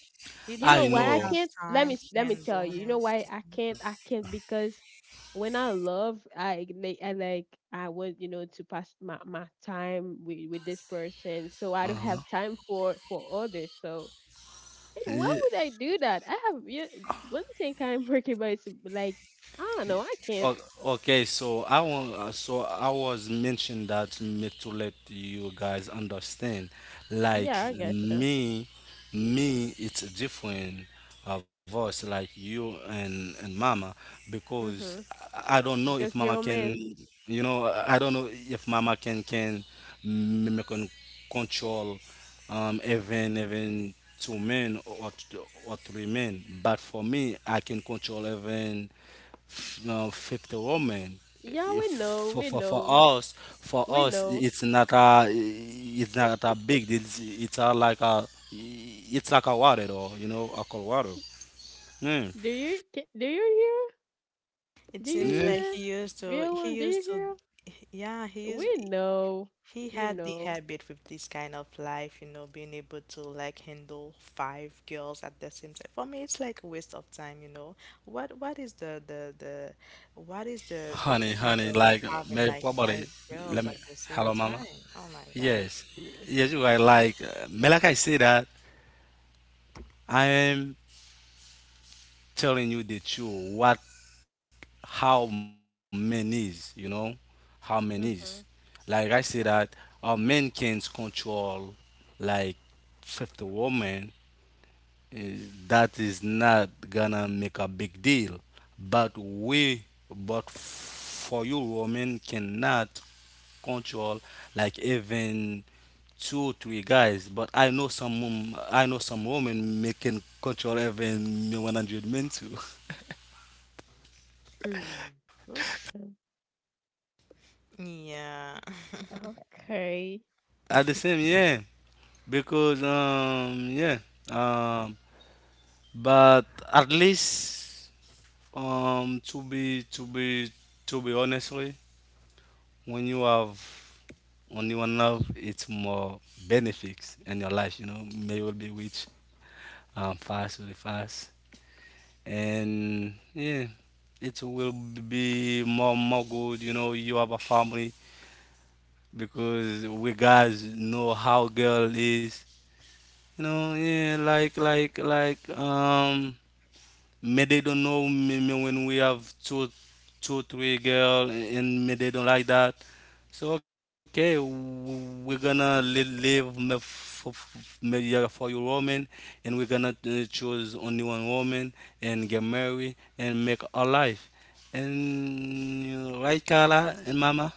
[SPEAKER 1] you
[SPEAKER 3] You
[SPEAKER 1] don't
[SPEAKER 3] know
[SPEAKER 2] I
[SPEAKER 3] what
[SPEAKER 1] even
[SPEAKER 3] I
[SPEAKER 2] know.
[SPEAKER 1] have
[SPEAKER 3] can't? Let
[SPEAKER 1] time
[SPEAKER 3] me
[SPEAKER 1] to
[SPEAKER 3] let me tell
[SPEAKER 1] handle
[SPEAKER 3] you. You know
[SPEAKER 1] him.
[SPEAKER 3] why I
[SPEAKER 1] Mm-hmm.
[SPEAKER 3] can't? I can't because when I love, I want you know to pass my time with this person, so I don't have time for others. So and why would I do that? I have yeah, one thing I'm working about is like I don't know. I can't.
[SPEAKER 2] O- Okay, so I want, so I was mentioned that me to let you guys understand, like
[SPEAKER 3] Yeah, I gotcha.
[SPEAKER 2] me, me, it's a different of us, like you and Mama, because
[SPEAKER 3] Mhm.
[SPEAKER 2] I don't know if
[SPEAKER 3] Because
[SPEAKER 2] Mama
[SPEAKER 3] you're a man.
[SPEAKER 2] can, you know, I don't know if Mama can me can control even two men or or three men, but for me, I can control even no, 50 woman.
[SPEAKER 3] Yeah, we know.
[SPEAKER 2] For,
[SPEAKER 3] We know.
[SPEAKER 2] us, for
[SPEAKER 3] We
[SPEAKER 2] us,
[SPEAKER 3] know.
[SPEAKER 2] it's not a big deal. It's a, like a, it's like a water though, you know, a cold water. Mm.
[SPEAKER 3] Do you hear?
[SPEAKER 1] It
[SPEAKER 3] Do you
[SPEAKER 1] seems
[SPEAKER 2] Yeah.
[SPEAKER 1] like
[SPEAKER 3] hear? Villain, do you hear?
[SPEAKER 1] yeah, he used,
[SPEAKER 3] We know.
[SPEAKER 1] he
[SPEAKER 3] We
[SPEAKER 1] had the
[SPEAKER 3] know.
[SPEAKER 1] habit with this kind of life, you know, being able to like handle five girls at the same time. For me, it's like a waste of time, you know. What, what is the, the, the, what is the
[SPEAKER 2] Honey,
[SPEAKER 1] point
[SPEAKER 2] honey,
[SPEAKER 1] of
[SPEAKER 2] like
[SPEAKER 1] having
[SPEAKER 2] maybe
[SPEAKER 1] like
[SPEAKER 2] probably.
[SPEAKER 1] five
[SPEAKER 2] Let
[SPEAKER 1] girls
[SPEAKER 2] me.
[SPEAKER 1] at the same
[SPEAKER 2] Hello, mama.
[SPEAKER 1] time? Oh my God.
[SPEAKER 2] Yes, yes, you are. Like, me, like I say that, I am telling you the truth. What how men is, you know, how men is.
[SPEAKER 3] Mm-hmm.
[SPEAKER 2] Like I say that a man can control like 50 women. Eh, that is not gonna make a big deal. But we, but for you, women cannot control like even 2 3 guys, but I know I know some women making control even 100 men too.
[SPEAKER 3] Mm. Okay.
[SPEAKER 1] Yeah.
[SPEAKER 3] Okay.
[SPEAKER 2] At the same, yeah, because yeah, um, but at least to be to be to be honestly, when you have only one love, it's more benefits in your life, you know. May will be rich fast, really fast, and yeah, it will be more more good. You know, you have a family because we guys know how girl is, you know. Yeah, like maybe they don't know me when we have 2 2 3 girl and maybe they don't like that. So okay, we're gonna live yeah, for your woman, and we're gonna choose only one woman and get married and make our life, and you know, right, Carla and mama?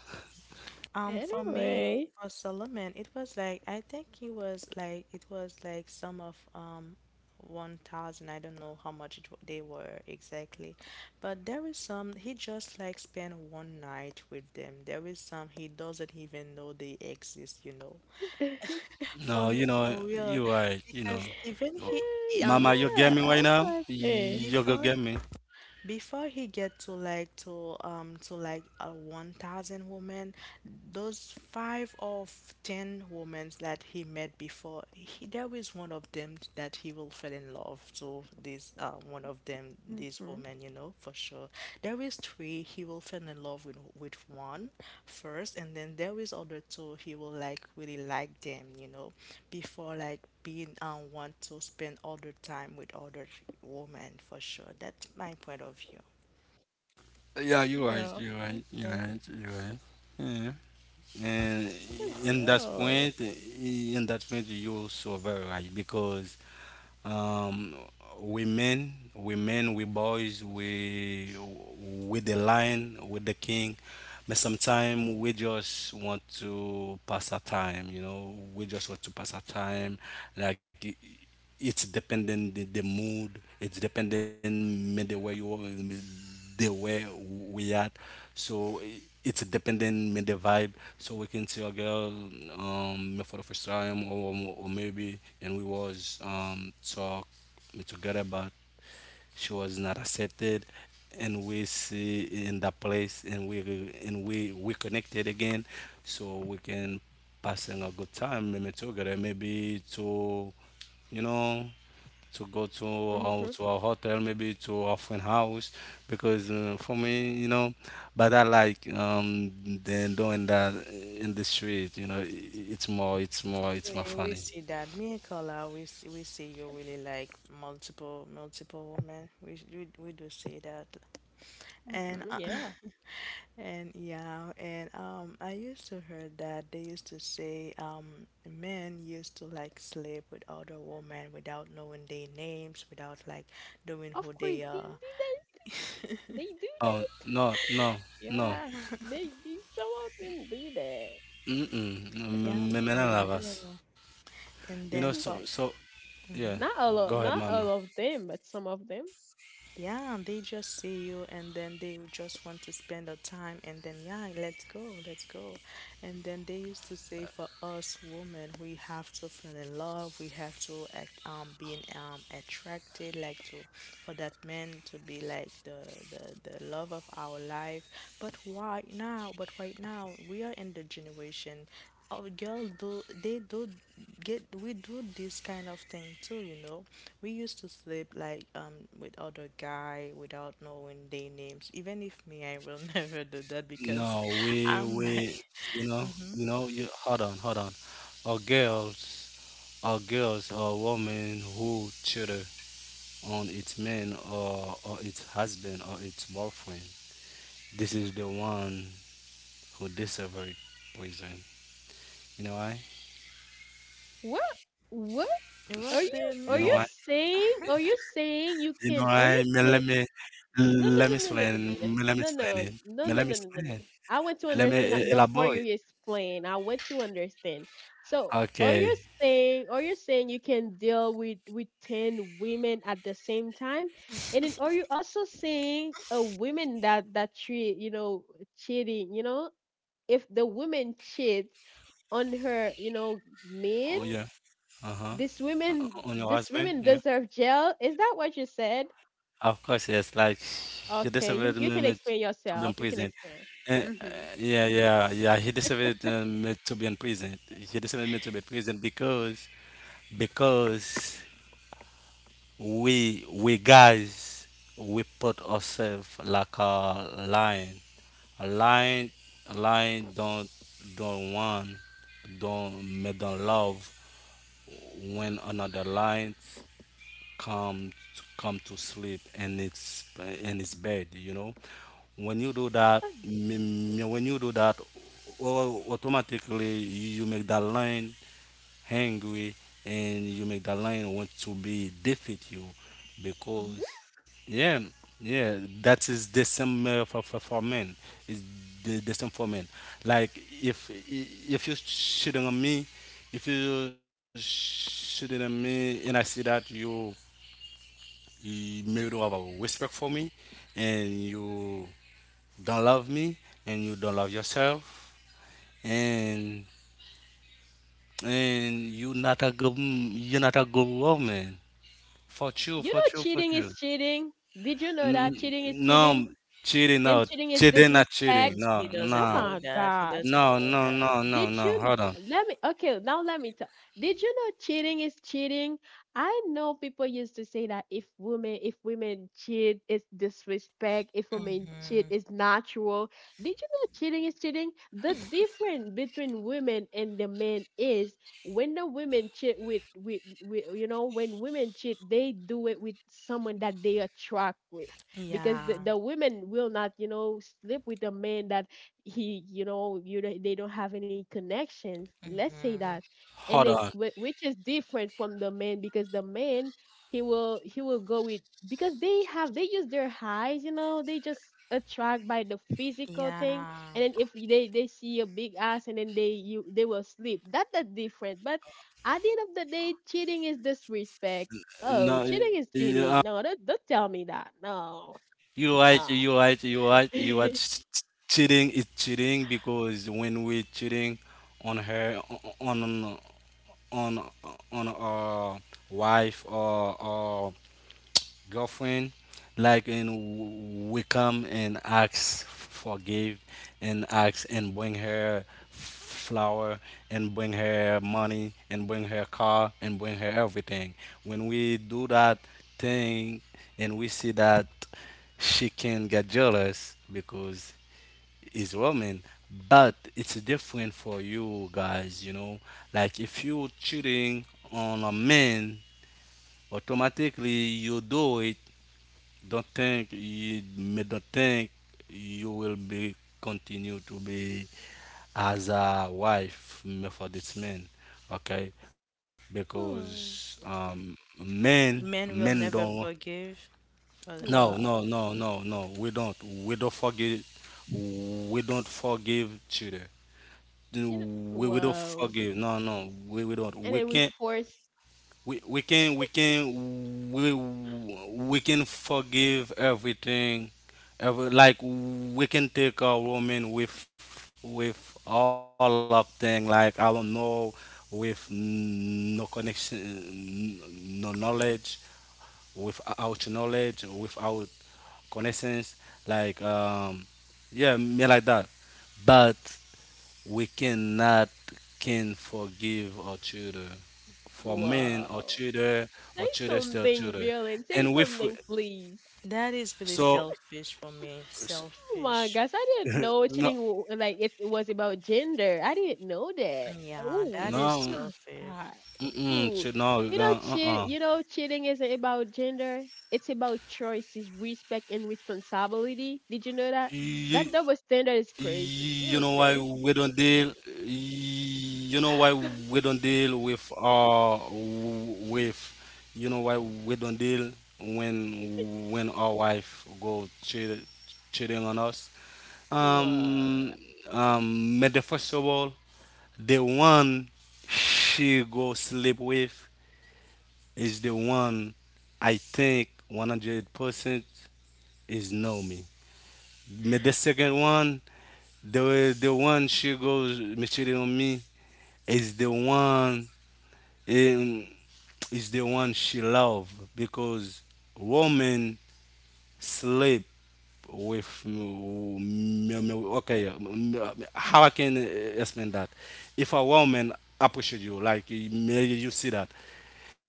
[SPEAKER 1] For me,
[SPEAKER 3] Anyway.
[SPEAKER 1] for Solomon, it was like I think he was like it was like some of 1,000. I don't know how much they were exactly, but there is some he just like spent one night with them. There is some he doesn't even know they exist, you know. For
[SPEAKER 2] No,
[SPEAKER 1] me,
[SPEAKER 2] you know
[SPEAKER 1] for real,
[SPEAKER 2] you right, you know.
[SPEAKER 1] because even he
[SPEAKER 2] Mama,
[SPEAKER 1] um
[SPEAKER 2] you get
[SPEAKER 3] Yeah,
[SPEAKER 2] me
[SPEAKER 1] before.
[SPEAKER 2] right
[SPEAKER 3] that's
[SPEAKER 2] now?
[SPEAKER 3] my thing.
[SPEAKER 2] You go
[SPEAKER 1] Before
[SPEAKER 2] get me.
[SPEAKER 1] before he get to like a 1,000 women, those five or 10 women that he met before he, there is one of them that he will fall in love to this one of them, this
[SPEAKER 3] Mm-hmm.
[SPEAKER 1] woman, you know, for sure. There is three he will fall in love with one first, and then there is other two he will like really like them, you know, before like being want to spend all the time with other women for sure. That's my point of view.
[SPEAKER 2] Yeah, you're right.
[SPEAKER 3] Yeah,
[SPEAKER 2] You're
[SPEAKER 3] I
[SPEAKER 2] right. You're
[SPEAKER 3] think.
[SPEAKER 2] right. You're right. Yeah. And
[SPEAKER 3] Because, yo, it's.
[SPEAKER 2] in that point, you're so very right because um, women, we boys, we with the lion, with the king, but sometimes we just want to pass our time. You know, we just want to pass our time, like it's dependent the mood. It's dependent me the way you are me the way we at. so i- it's dependent me the vibe. So we can see a girl me for the first time, or maybe and we was talk me together but she was not accepted, and we see in that place and we connected again. So we can passing a good time, maybe together, maybe to you know to go
[SPEAKER 3] Mm-hmm.
[SPEAKER 2] to a hotel, maybe to a friend house, because for me, you know, but I like then doing that in the street. You know, it's more, it's more,
[SPEAKER 1] We,
[SPEAKER 2] it's more
[SPEAKER 1] we
[SPEAKER 2] funny.
[SPEAKER 1] see that me and Carla, we see you really like multiple women. We do see that, and
[SPEAKER 3] Mm-hmm. Yeah.
[SPEAKER 1] and yeah, and I used to hear that they used to say men used to like sleep with other women without knowing their names, without like knowing
[SPEAKER 3] Of
[SPEAKER 1] who
[SPEAKER 3] course,
[SPEAKER 1] they
[SPEAKER 3] they do
[SPEAKER 1] are.
[SPEAKER 3] that. They do
[SPEAKER 2] Oh
[SPEAKER 3] that.
[SPEAKER 2] no, no, no,
[SPEAKER 1] Yeah,
[SPEAKER 3] They do. Some of them do
[SPEAKER 2] mm-mm, no,
[SPEAKER 1] yeah,
[SPEAKER 2] men
[SPEAKER 1] for
[SPEAKER 2] love
[SPEAKER 1] real.
[SPEAKER 2] us.
[SPEAKER 1] And
[SPEAKER 2] You know,
[SPEAKER 1] then
[SPEAKER 3] that.
[SPEAKER 1] for,
[SPEAKER 2] so so yeah.
[SPEAKER 1] hmm.
[SPEAKER 3] Not all of,
[SPEAKER 2] Go ahead,
[SPEAKER 3] not
[SPEAKER 2] mama.
[SPEAKER 3] all of them, but some of them.
[SPEAKER 1] Yeah, they just see you and then they would just want to spend the time, and then, yeah, let's go, let's go. And then they used to say for us women, we have to fall in love, we have to act, being attracted, like to, for that man to be like the love of our life. But why now? But right now, we are in the generation. Oh, girl, do they do get we do this kind of thing too, you know. We used to sleep like with other guy without knowing their names. Even if me, I will never do that because
[SPEAKER 2] No,
[SPEAKER 1] I'm
[SPEAKER 2] we
[SPEAKER 1] like,
[SPEAKER 2] you know
[SPEAKER 1] mm-hmm.
[SPEAKER 2] you know you hold on, hold on. Our girls, our girls, our women who cheated on its man, or its husband or its boyfriend, this is the one who deserves poison. You know why?
[SPEAKER 3] What? What? Are
[SPEAKER 1] What do
[SPEAKER 3] you
[SPEAKER 1] you
[SPEAKER 3] are you
[SPEAKER 1] mean?
[SPEAKER 2] You know why?
[SPEAKER 3] are you saying you
[SPEAKER 2] You know
[SPEAKER 3] can are you
[SPEAKER 2] why?
[SPEAKER 3] saying no no
[SPEAKER 2] Let me
[SPEAKER 3] no no no no
[SPEAKER 2] explain.
[SPEAKER 3] no
[SPEAKER 2] Let me
[SPEAKER 3] no no
[SPEAKER 2] explain it.
[SPEAKER 3] no
[SPEAKER 2] Let
[SPEAKER 3] no no no
[SPEAKER 2] me
[SPEAKER 3] no no no
[SPEAKER 2] explain.
[SPEAKER 3] no. I want to
[SPEAKER 2] Let me
[SPEAKER 3] understand that before you
[SPEAKER 2] elaborate.
[SPEAKER 3] explain. I want to understand. So are you
[SPEAKER 2] Okay.
[SPEAKER 3] saying are you saying you can deal with ten women at the same time? And then are
[SPEAKER 1] Seems
[SPEAKER 3] you also saying a woman that treat you know cheating, you know? If the woman cheats on her, you know,
[SPEAKER 2] Oh
[SPEAKER 3] man
[SPEAKER 2] yeah. Uh-huh.
[SPEAKER 3] this
[SPEAKER 2] O-
[SPEAKER 3] women,
[SPEAKER 2] On your
[SPEAKER 3] this
[SPEAKER 2] husband?
[SPEAKER 3] women
[SPEAKER 2] Yeah.
[SPEAKER 3] deserve jail. Is that what you said?
[SPEAKER 2] Of course, yes. Like he
[SPEAKER 3] Okay, you
[SPEAKER 2] deserved
[SPEAKER 3] you can
[SPEAKER 2] me
[SPEAKER 3] explain
[SPEAKER 2] to be in
[SPEAKER 3] yourself. You
[SPEAKER 2] prison.
[SPEAKER 3] can explain.
[SPEAKER 2] Uh, uh,
[SPEAKER 3] Mm-hmm.
[SPEAKER 2] yeah, yeah, yeah. He deserved me to be in prison. He deserved me to be in prison because we guys we put ourselves like a lion. A lion, a lion don't want don't make them love when another lion come come to sleep in its bed. You know, when you do that, when you do that automatically you make that line hungry, and you make that line want to be defeat you because yeah yeah that is the same for men. Is the, the same for men. Like if you shooting on me, if you shooting at me and I see that you maybe don't have a respect for me, and you don't love me, and you don't love yourself, and and you're not a good woman. For you,
[SPEAKER 3] You
[SPEAKER 2] for
[SPEAKER 3] know,
[SPEAKER 2] you, for
[SPEAKER 3] cheating
[SPEAKER 2] you.
[SPEAKER 3] is cheating. Did you know that
[SPEAKER 2] N-
[SPEAKER 3] cheating is
[SPEAKER 2] no,
[SPEAKER 3] cheating
[SPEAKER 2] cheating, no,
[SPEAKER 3] and cheating is
[SPEAKER 2] cheating, not cheating,
[SPEAKER 3] disrespect?
[SPEAKER 2] no,
[SPEAKER 1] he
[SPEAKER 2] no,
[SPEAKER 1] doesn't
[SPEAKER 3] Oh
[SPEAKER 1] know
[SPEAKER 3] my
[SPEAKER 1] that.
[SPEAKER 3] gosh!
[SPEAKER 2] no, no, no, no,
[SPEAKER 3] Did
[SPEAKER 2] no,
[SPEAKER 3] you
[SPEAKER 2] hold on,
[SPEAKER 3] let me? Okay, now let me talk. Did you know cheating is cheating? I know people used to say that if women cheat, it's disrespect. If women cheat,
[SPEAKER 1] Hmm.
[SPEAKER 3] it's natural. Did you know cheating is cheating? The difference between women and the men is when the women cheat with you know when women cheat, they do it with someone that they attract with, because the,
[SPEAKER 1] Yeah.
[SPEAKER 3] the women will not, you know, sleep with a man that he, you know, you they don't have any connections, let's say that.
[SPEAKER 1] Hmm.
[SPEAKER 3] And
[SPEAKER 2] hold
[SPEAKER 3] then
[SPEAKER 2] on.
[SPEAKER 3] which is different from the man, because the man he will go with, because they have, they use their eyes, you know, they just attract by the physical thing.
[SPEAKER 1] Yeah.
[SPEAKER 3] And then if they see a big ass and then they you they will sleep that, that different. But at the end of the day, cheating is disrespect. Oh,
[SPEAKER 2] No,
[SPEAKER 3] cheating is
[SPEAKER 2] yeah,
[SPEAKER 3] cheating. No, don't tell me that. No,
[SPEAKER 2] you right, you
[SPEAKER 3] no.
[SPEAKER 2] right, you right, you are ch- ch- cheating is cheating. Because when we cheating on her, on on on, on our wife or girlfriend, like, and we come and ask forgive, and ask, and bring her flower, and bring her money, and bring her car, and bring her everything. When we do that thing, and we see that she can get jealous, because it's woman. But it's different for you guys, you know. Like if you cheating on a man, automatically you do it. Don't think you, me don't think you will be continue to be as a wife me for this man, okay? Because
[SPEAKER 3] Oh,
[SPEAKER 2] men,
[SPEAKER 1] Men
[SPEAKER 2] men
[SPEAKER 1] will never
[SPEAKER 2] don't.
[SPEAKER 1] forgive. Or
[SPEAKER 2] No, no,
[SPEAKER 3] wow.
[SPEAKER 2] no, no, no. We don't. We don't forgive. We don't forgive children.
[SPEAKER 3] You know,
[SPEAKER 2] We don't
[SPEAKER 3] wow.
[SPEAKER 2] forgive. No, no. We don't.
[SPEAKER 3] And
[SPEAKER 2] We
[SPEAKER 3] then we
[SPEAKER 2] can't.
[SPEAKER 3] force,
[SPEAKER 2] We we can forgive everything ever. Like, we can take a woman with all of thing, like, I don't know, with no connection, no knowledge, without knowledge, without connaissance, like, yeah, me like that. But we cannot can forgive our children. For men, our
[SPEAKER 3] wow.
[SPEAKER 2] children,
[SPEAKER 3] Say
[SPEAKER 2] our children still
[SPEAKER 3] something,
[SPEAKER 2] children.
[SPEAKER 3] Violin. Say
[SPEAKER 2] And we
[SPEAKER 3] something, please.
[SPEAKER 1] That is really
[SPEAKER 2] so
[SPEAKER 1] selfish for me.
[SPEAKER 2] s-
[SPEAKER 3] Oh my
[SPEAKER 1] Selfish.
[SPEAKER 3] gosh, I didn't know
[SPEAKER 2] no,
[SPEAKER 3] cheating w- like it was about gender. I didn't know that.
[SPEAKER 1] Yeah, that
[SPEAKER 3] Oh
[SPEAKER 1] is
[SPEAKER 2] no,
[SPEAKER 3] my
[SPEAKER 1] selfish.
[SPEAKER 3] god.
[SPEAKER 2] mm-mm,
[SPEAKER 3] Ooh.
[SPEAKER 2] ch- no uh uh
[SPEAKER 3] You know, cheating isn't about gender. It's about choices, respect, and responsibility. Did you know that? That double
[SPEAKER 2] You,
[SPEAKER 3] standard is crazy.
[SPEAKER 2] you
[SPEAKER 3] Really
[SPEAKER 2] know why
[SPEAKER 3] crazy.
[SPEAKER 2] we don't deal, you know why we don't deal with with, you know why we don't deal when our wife go cheat, cheating on us.
[SPEAKER 3] Wow.
[SPEAKER 2] Um, but the first of all, the one she go sleep with is the one, I think 100% is know me. But the second one, the one she goes cheating on me is the one, um, is the one she love. Because woman sleep with m- m- m- okay, how I can explain that? If a woman appreciate you, like, you you see that,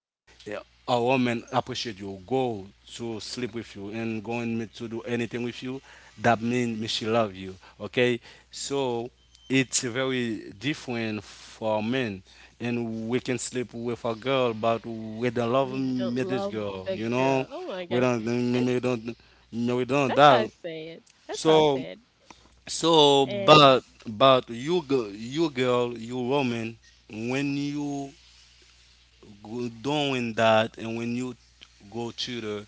[SPEAKER 2] yeah, a woman appreciate you, go to sleep with you, and going me to do anything with you, that means she love you. Okay, so it's very different for men, and we can sleep with a girl, but we don't love
[SPEAKER 3] We don't
[SPEAKER 2] me this
[SPEAKER 3] love
[SPEAKER 2] girl.
[SPEAKER 3] the
[SPEAKER 2] You know,
[SPEAKER 3] girl. Oh my
[SPEAKER 2] we
[SPEAKER 3] gosh.
[SPEAKER 2] don't,
[SPEAKER 3] That's
[SPEAKER 2] we don't, we don't
[SPEAKER 3] how I
[SPEAKER 2] that.
[SPEAKER 3] say it. That's how I
[SPEAKER 2] So
[SPEAKER 3] say it.
[SPEAKER 2] so,
[SPEAKER 3] And
[SPEAKER 2] but but you you girl, you woman, when you doing that, and when you go to the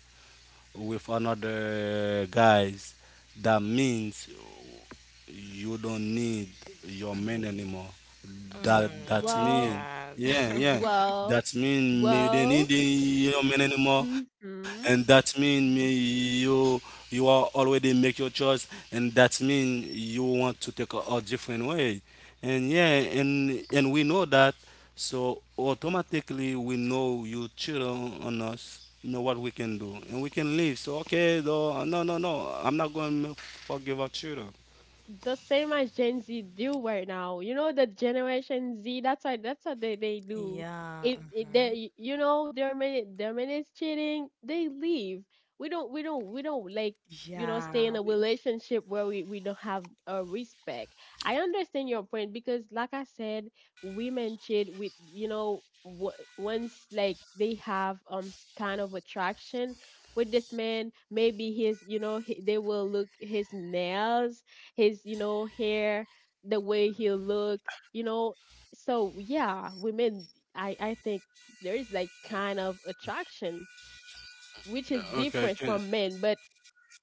[SPEAKER 2] with another guys, that means you don't need your man anymore. That
[SPEAKER 1] Mm, oh
[SPEAKER 2] that
[SPEAKER 1] my
[SPEAKER 3] well,
[SPEAKER 2] mean
[SPEAKER 1] God.
[SPEAKER 2] yeah, yeah.
[SPEAKER 3] well,
[SPEAKER 2] That mean may you don't need
[SPEAKER 3] well,
[SPEAKER 2] your man anymore, and
[SPEAKER 3] mm-hmm.
[SPEAKER 2] that mean may you, you are already make your choice, and that mean you want to take a different way, and yeah, and we know that, so automatically we know you cheat on us. You know what we can do, and we can leave. So okay, though, no, no, no, I'm not going to forgive our children.
[SPEAKER 3] The same as Gen Z do right now. You know, the Generation Z. That's why. That's what they do.
[SPEAKER 1] Yeah.
[SPEAKER 3] If
[SPEAKER 1] Mhm.
[SPEAKER 3] they, you know, their minutes cheating, they leave. We don't like, you know, stay in
[SPEAKER 1] Yeah.
[SPEAKER 3] a relationship where we don't have a respect. I understand your point because, like I said, women cheat with, you know, once like they have kind of attraction with this man, maybe his, you know, they will look his nails, his, you know, hair, the way he'll look, you know. So yeah, women, I think there is like kind of attraction which is
[SPEAKER 2] Okay, can,
[SPEAKER 3] different from men. but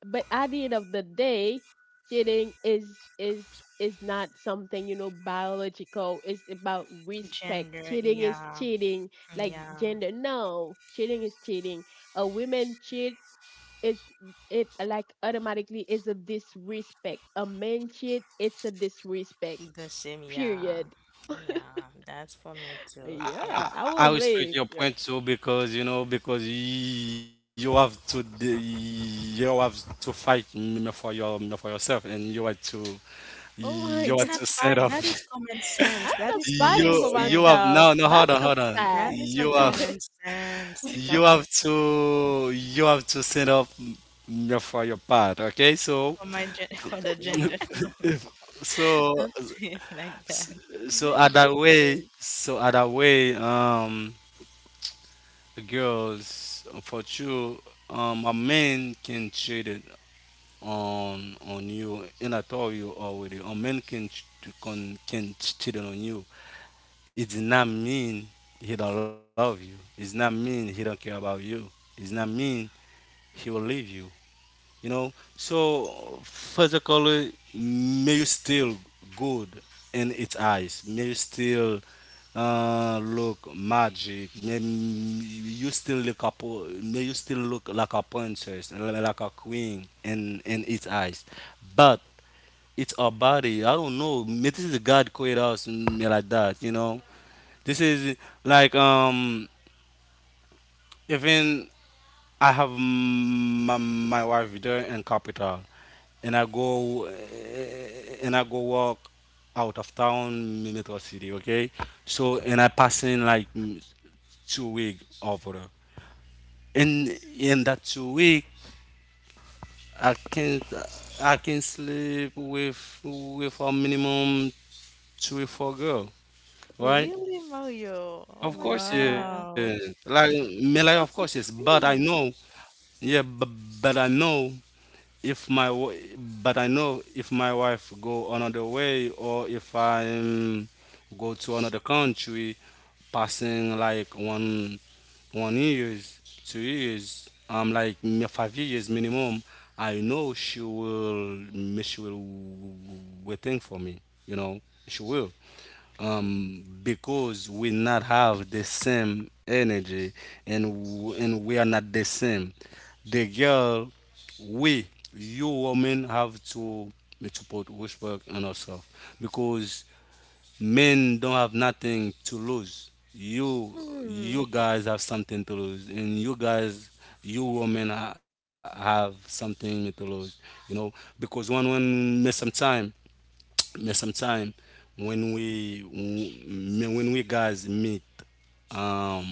[SPEAKER 3] but at the end of the day, cheating is not something, you know, biological. It's about respect.
[SPEAKER 1] Gender.
[SPEAKER 3] Cheating is
[SPEAKER 1] Yeah.
[SPEAKER 3] cheating. Like
[SPEAKER 1] Yeah.
[SPEAKER 3] gender, no, cheating is cheating. A woman cheat, it's, it like automatically is a disrespect. A man cheat, it's a disrespect.
[SPEAKER 1] The same. Yeah.
[SPEAKER 3] Period.
[SPEAKER 1] Yeah. That's for me too. Yeah.
[SPEAKER 3] Yeah, I will
[SPEAKER 2] I respect
[SPEAKER 3] leave
[SPEAKER 2] your
[SPEAKER 3] you.
[SPEAKER 2] point too, because you know, because you have to you have to fight, mm, for your for yourself, and you have to,
[SPEAKER 3] Oh
[SPEAKER 1] It's
[SPEAKER 2] you
[SPEAKER 3] my
[SPEAKER 2] have
[SPEAKER 1] not
[SPEAKER 2] to
[SPEAKER 3] god,
[SPEAKER 2] set
[SPEAKER 1] fight.
[SPEAKER 2] up.
[SPEAKER 1] That is common sense.
[SPEAKER 3] I'm not fighting for
[SPEAKER 2] You have,
[SPEAKER 3] myself.
[SPEAKER 2] no, no, hold
[SPEAKER 3] That's
[SPEAKER 2] on,
[SPEAKER 3] a
[SPEAKER 2] hold on,
[SPEAKER 1] That is
[SPEAKER 3] fact.
[SPEAKER 1] a
[SPEAKER 2] you have,
[SPEAKER 1] common sense.
[SPEAKER 2] you
[SPEAKER 1] Common
[SPEAKER 2] have to, you have to set up, mm, for your part, okay? So
[SPEAKER 1] for my gen for the gender. No.
[SPEAKER 2] so,
[SPEAKER 1] Don't say it like that.
[SPEAKER 2] so
[SPEAKER 3] That's
[SPEAKER 2] other way,
[SPEAKER 3] great.
[SPEAKER 2] so other way, um. Girls, for sure, um, a man can cheat it on you, and I told you already, a man can cheat it on you, it does not mean he don't love you, it's not mean he don't care about you, it's not mean he will leave you, you know. So physically, may you still good in its eyes, may you still look magic, may you still look up, may you still look like a princess, like a queen in its eyes. But it's our body, I don't know, may this is god created us, mm, like that, you know. This is like, um, even I have, mm, my wife there in capital, and I go, eh, and I go walk out of town, Metro City, okay? So and I pass in like, mm, 2 week over there. In that 2 week, I can, I can sleep with a minimum 3 4 girl, right?
[SPEAKER 1] Really, Mario? Oh
[SPEAKER 2] Of
[SPEAKER 1] my
[SPEAKER 2] course, yeah.
[SPEAKER 1] God.
[SPEAKER 3] Wow.
[SPEAKER 2] Like me, like, of course, yes.
[SPEAKER 1] Total
[SPEAKER 2] But I
[SPEAKER 1] three.
[SPEAKER 2] know, yeah. But I know, if my w- but I know, if my wife go another way, or if I go to another country, passing like 1 1 years, 2 years, um, like 5 years minimum, I know she will, she will waiting for me. You know, she will, because we not have the same energy, and and we are not the same. The girl, we, you women have to put respect on ourselves, because men don't have nothing to lose. You
[SPEAKER 3] Hmm.
[SPEAKER 2] you guys have something to lose, and you guys, you women have something to lose. You know, because one, when miss some time, but sometimes when we when we guys meet, um,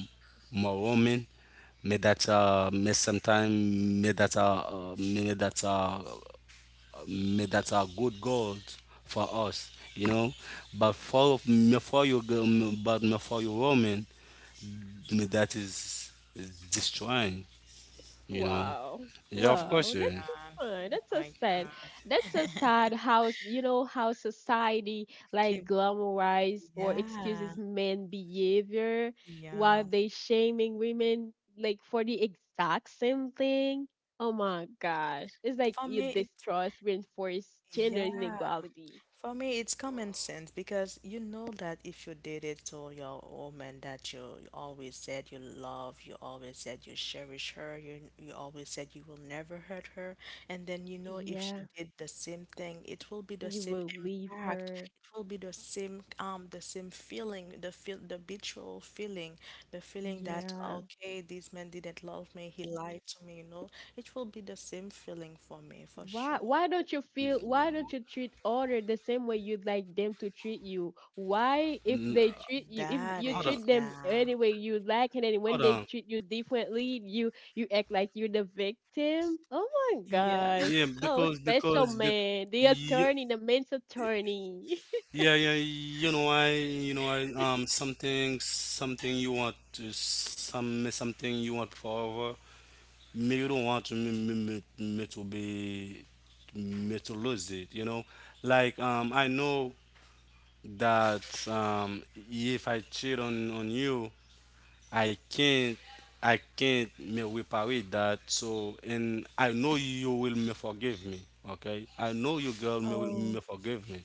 [SPEAKER 2] more women, me that me sometimes me that may that uh, me that are good goals for us, you know. But for me, for you girl, but me for you woman, me that is destroying, you know.
[SPEAKER 3] Wow.
[SPEAKER 2] Yeah,
[SPEAKER 1] Oh
[SPEAKER 2] of
[SPEAKER 1] my
[SPEAKER 3] Wow.
[SPEAKER 2] course,
[SPEAKER 3] That's
[SPEAKER 2] yeah.
[SPEAKER 3] so
[SPEAKER 1] God.
[SPEAKER 3] sad. That's
[SPEAKER 1] Oh
[SPEAKER 3] so
[SPEAKER 1] my
[SPEAKER 3] sad. That's so
[SPEAKER 1] God.
[SPEAKER 3] sad how, you know, how society like
[SPEAKER 1] Keep,
[SPEAKER 3] glamorize or
[SPEAKER 1] yeah.
[SPEAKER 3] excuses men behavior while
[SPEAKER 1] Yeah.
[SPEAKER 3] they shaming women like for the exact same thing. Oh my gosh. It's like
[SPEAKER 1] For
[SPEAKER 3] you
[SPEAKER 1] me,
[SPEAKER 3] distrust, reinforce gender
[SPEAKER 1] yeah.
[SPEAKER 3] inequality.
[SPEAKER 1] For me, it's common
[SPEAKER 3] Oh,
[SPEAKER 1] sense because you know that if you did it to your woman that you, always said you love, you always said you cherish her, you always said you will never hurt her, and then you know if she
[SPEAKER 3] yeah.
[SPEAKER 1] did the same thing, it will be the
[SPEAKER 3] You
[SPEAKER 1] same
[SPEAKER 3] will leave
[SPEAKER 1] impact.
[SPEAKER 3] her.
[SPEAKER 1] It will be the same feeling, the betrayal feeling, the feeling that
[SPEAKER 3] Yeah.
[SPEAKER 1] okay, this man didn't love me, he lied to me, you know. It will be the same feeling for me for
[SPEAKER 3] Why
[SPEAKER 1] sure.
[SPEAKER 3] why don't you feel, why don't you treat other the same way you'd like them to treat you?
[SPEAKER 2] N-
[SPEAKER 3] Why if they treat you, if
[SPEAKER 2] Hold on,
[SPEAKER 3] you treat them
[SPEAKER 1] Yeah.
[SPEAKER 3] any way you like, and
[SPEAKER 2] hold
[SPEAKER 3] then when
[SPEAKER 2] on.
[SPEAKER 3] they treat you differently, you act like you're the victim? Oh my
[SPEAKER 1] Yeah,
[SPEAKER 3] gosh.
[SPEAKER 2] Yeah,
[SPEAKER 3] Oh,
[SPEAKER 2] because,
[SPEAKER 3] special
[SPEAKER 2] because
[SPEAKER 3] man, the attorney, the men's attorney.
[SPEAKER 2] yeah, yeah, you know, I, something, something you want to, some, something you want forever, me, you don't want to, me to be, me to lose it, you know? Like, I know that, if I cheat on you, I can't, I can't me reparate that. So and I know you will me forgive me. Okay, I know you girl me will
[SPEAKER 3] Oh,
[SPEAKER 2] me forgive me,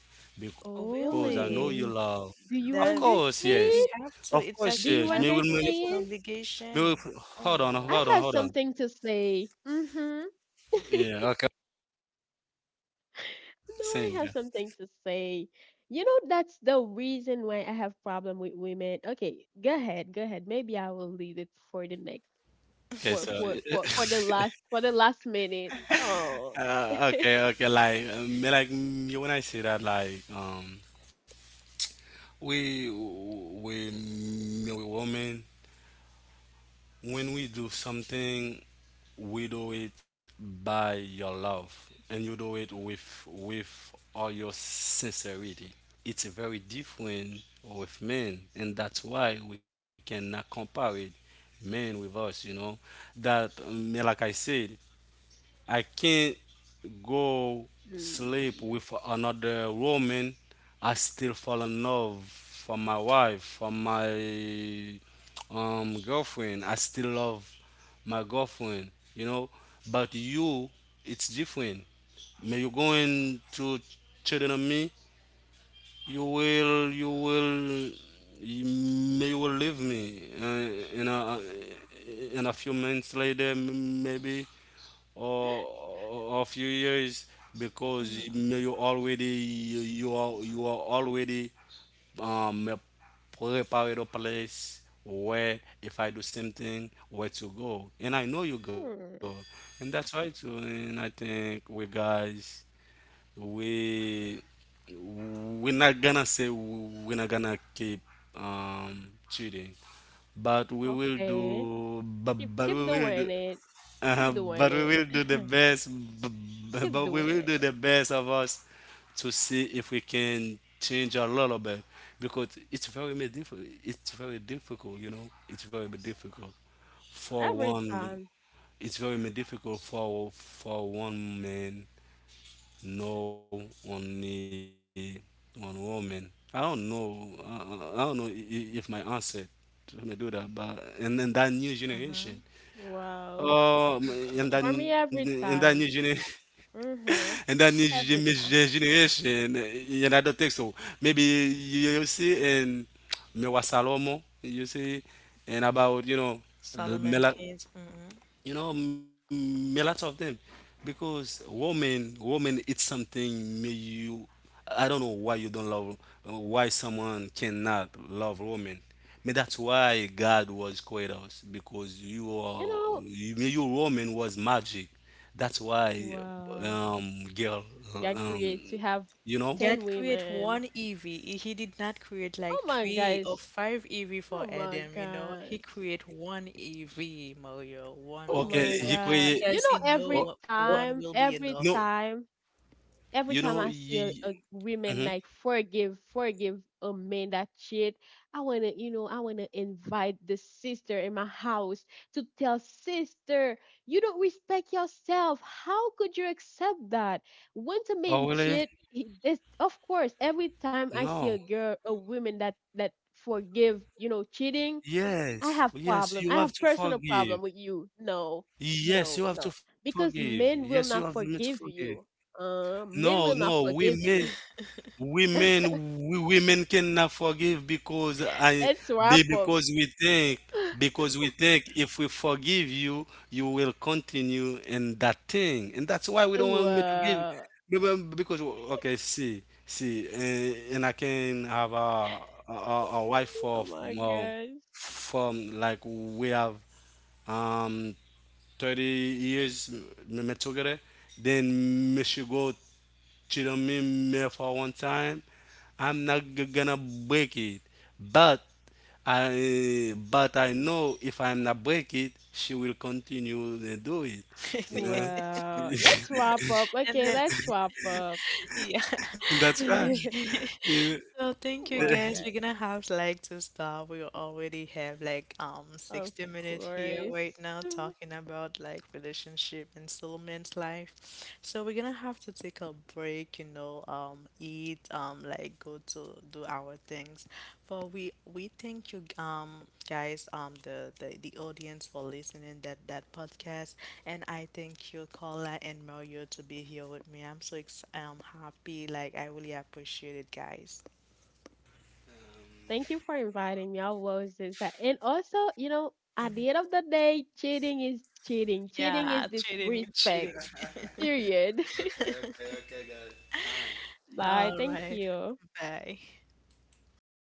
[SPEAKER 1] oh,
[SPEAKER 2] because I know you
[SPEAKER 3] oh,
[SPEAKER 1] really?
[SPEAKER 2] love. Of
[SPEAKER 3] do you
[SPEAKER 2] course,
[SPEAKER 1] That we
[SPEAKER 2] yes.
[SPEAKER 1] we
[SPEAKER 3] understand?
[SPEAKER 2] Of
[SPEAKER 1] have to.
[SPEAKER 2] course,
[SPEAKER 1] It's like
[SPEAKER 3] Do
[SPEAKER 2] yes.
[SPEAKER 1] we
[SPEAKER 2] Me
[SPEAKER 3] you
[SPEAKER 2] will
[SPEAKER 1] have
[SPEAKER 2] me,
[SPEAKER 1] to. It's an
[SPEAKER 2] forgive,
[SPEAKER 3] understand?
[SPEAKER 2] me will,
[SPEAKER 1] obligation. Oh
[SPEAKER 2] hold on, hold
[SPEAKER 1] no.
[SPEAKER 2] on,
[SPEAKER 3] I have
[SPEAKER 2] hold on.
[SPEAKER 3] something to say. Mm-hmm.
[SPEAKER 2] Yeah, okay.
[SPEAKER 3] No, I
[SPEAKER 2] Same,
[SPEAKER 3] have
[SPEAKER 2] yeah.
[SPEAKER 3] something to say. You know, that's the reason why I have problem with women. Okay, go ahead. Maybe I will leave it for the next
[SPEAKER 2] Okay, so
[SPEAKER 3] for the last minute. Oh.
[SPEAKER 2] okay. Like me when I say that, like, we women, when we do something, we do it by your love, and you do it with all your sincerity. It's very different with men, and that's why we cannot compare it, men with us, you know. That, like I said, I can't go
[SPEAKER 3] Hmm.
[SPEAKER 2] sleep with another woman. I still fall in love for my wife, for my, girlfriend. I still love my girlfriend, you know. But you, it's different. May you going to cheating on me? You will, you will, may you will leave me. In a few months later, maybe, or of your years, because you, you are, you are already, um uh, prepared a place where, if I do something, where to go, and I know you go.
[SPEAKER 3] Hmm.
[SPEAKER 2] And that's why too, and I think we guys, we, we're not gonna say, we're not gonna keep, um, cheating,
[SPEAKER 3] Okay. Keep
[SPEAKER 2] but we
[SPEAKER 3] keep
[SPEAKER 2] will do,
[SPEAKER 3] doing it. Keep doing
[SPEAKER 2] but we
[SPEAKER 3] it.
[SPEAKER 2] will do the best,
[SPEAKER 3] Keep
[SPEAKER 2] but we
[SPEAKER 3] doing
[SPEAKER 2] will do
[SPEAKER 3] it.
[SPEAKER 2] the best of us, to see if we can change a little bit, because it's very difficult. It's very difficult, you know, it's very difficult for
[SPEAKER 3] Every
[SPEAKER 2] one,
[SPEAKER 3] time.
[SPEAKER 2] it's very difficult for one man, no, only one woman. I don't know, I don't know, if my answer to me do that, but, and then that new generation.
[SPEAKER 1] Mm-hmm.
[SPEAKER 3] Wow.
[SPEAKER 2] Um, in that,
[SPEAKER 3] For me
[SPEAKER 2] in that
[SPEAKER 3] every
[SPEAKER 2] new generation,
[SPEAKER 3] time.
[SPEAKER 2] in that
[SPEAKER 3] Mhm.
[SPEAKER 2] new gen- mis-
[SPEAKER 3] Every
[SPEAKER 2] gen-
[SPEAKER 3] time.
[SPEAKER 2] generation, eh, and I don't think so. Maybe you, you see in Mewa Salomo, you see, and about, you know,
[SPEAKER 1] Solomon
[SPEAKER 2] Mela,
[SPEAKER 1] kids. Mm-hmm.
[SPEAKER 2] you know, mm, a lot of them, because woman, woman, it's something, may you, I don't know why you don't love, why someone cannot love woman, may that's why god was created us, because you
[SPEAKER 3] You
[SPEAKER 2] are,
[SPEAKER 3] know,
[SPEAKER 2] you may your woman was magic. That's why,
[SPEAKER 3] wow.
[SPEAKER 2] um, girl,
[SPEAKER 3] That
[SPEAKER 2] um,
[SPEAKER 3] creates you have
[SPEAKER 2] you know.
[SPEAKER 3] 10
[SPEAKER 1] God create
[SPEAKER 3] women.
[SPEAKER 1] one Evie. He did not create
[SPEAKER 3] Oh
[SPEAKER 1] like
[SPEAKER 3] my
[SPEAKER 1] three
[SPEAKER 3] gosh.
[SPEAKER 1] or five Evie
[SPEAKER 3] Oh
[SPEAKER 1] for
[SPEAKER 3] my
[SPEAKER 1] Adam, you know. He
[SPEAKER 3] gosh.
[SPEAKER 1] create one Evie, Mario. One,
[SPEAKER 3] Oh
[SPEAKER 2] Okay,
[SPEAKER 1] only
[SPEAKER 3] my
[SPEAKER 2] he
[SPEAKER 1] one.
[SPEAKER 3] god.
[SPEAKER 2] create.
[SPEAKER 3] You
[SPEAKER 1] Because
[SPEAKER 3] know,
[SPEAKER 1] he know
[SPEAKER 2] Oh,
[SPEAKER 3] every
[SPEAKER 1] what
[SPEAKER 2] oh,
[SPEAKER 1] one
[SPEAKER 3] time
[SPEAKER 1] will be
[SPEAKER 3] every
[SPEAKER 2] no.
[SPEAKER 1] enough.
[SPEAKER 3] time
[SPEAKER 2] You
[SPEAKER 3] every time
[SPEAKER 2] know,
[SPEAKER 3] I see
[SPEAKER 2] you,
[SPEAKER 3] a women
[SPEAKER 2] mhm.
[SPEAKER 3] like forgive a man that cheat, I wanna, you know, I wanna invite the sister in my house to tell sister you don't respect yourself. How could you accept that? Once a
[SPEAKER 2] Oh
[SPEAKER 3] man
[SPEAKER 2] really?
[SPEAKER 3] cheat, he, this of course every time I see
[SPEAKER 2] No.
[SPEAKER 3] a girl a woman that forgive, you know, cheating,
[SPEAKER 2] Yes,
[SPEAKER 3] I have
[SPEAKER 2] yes,
[SPEAKER 3] problem.
[SPEAKER 2] you
[SPEAKER 3] I
[SPEAKER 2] have
[SPEAKER 3] have
[SPEAKER 2] to
[SPEAKER 3] personal
[SPEAKER 2] forgive.
[SPEAKER 3] problem with you. No,
[SPEAKER 2] Yes,
[SPEAKER 3] no,
[SPEAKER 2] you have to
[SPEAKER 3] No. Because
[SPEAKER 2] forgive. Yes,
[SPEAKER 3] men
[SPEAKER 2] you
[SPEAKER 3] will
[SPEAKER 2] have
[SPEAKER 3] not
[SPEAKER 2] to
[SPEAKER 3] forgive
[SPEAKER 2] forgive.
[SPEAKER 3] you.
[SPEAKER 2] No,
[SPEAKER 3] Men will
[SPEAKER 2] no,
[SPEAKER 3] not forgive
[SPEAKER 2] women,
[SPEAKER 3] you.
[SPEAKER 2] women, we women cannot forgive, because I,
[SPEAKER 3] Let's
[SPEAKER 2] be-
[SPEAKER 3] wrap up.
[SPEAKER 2] because we think, if we forgive you, you will continue in that thing, and that's why we don't want me to give.
[SPEAKER 3] Wow.
[SPEAKER 2] Because okay, see, see, and I can have a a wife
[SPEAKER 3] Oh
[SPEAKER 2] of,
[SPEAKER 3] my
[SPEAKER 2] um,
[SPEAKER 3] gosh.
[SPEAKER 2] from like we have, um, 30 years me, me together. Then me she go cheat on me, me for one time. I'm not g- gonna break it, but I know if I'm not break it, she will continue to do it. You know,
[SPEAKER 3] Wow. Let's wrap up.
[SPEAKER 1] And
[SPEAKER 3] Okay,
[SPEAKER 1] then,
[SPEAKER 3] let's wrap up.
[SPEAKER 1] yeah.
[SPEAKER 2] and that's right.
[SPEAKER 3] Oh
[SPEAKER 2] You know?
[SPEAKER 1] Okay. So thank you
[SPEAKER 3] my
[SPEAKER 1] guys.
[SPEAKER 3] god.
[SPEAKER 1] We're gonna have like to stop. We already have like
[SPEAKER 3] Of
[SPEAKER 1] 60 minutes here right
[SPEAKER 3] course.
[SPEAKER 1] now talking about like relationship and soulmate life. So we're gonna have to take a break, you know, eat, like go to do our things. For we thank you guys, the audience for listening that that podcast, and I thank you Carla and Mario to be here with me. I'm so happy, like I really appreciate it guys.
[SPEAKER 3] Thank you for inviting me. I was is that and also, you know, at the end of the day, cheating is cheating. Cheating is
[SPEAKER 1] Yeah, cheating,
[SPEAKER 3] disrespect.
[SPEAKER 1] cheating.
[SPEAKER 3] Period.
[SPEAKER 2] Okay, okay, okay, guys.
[SPEAKER 3] Bye.
[SPEAKER 1] All
[SPEAKER 3] Thank
[SPEAKER 1] right,
[SPEAKER 3] you.
[SPEAKER 1] bye.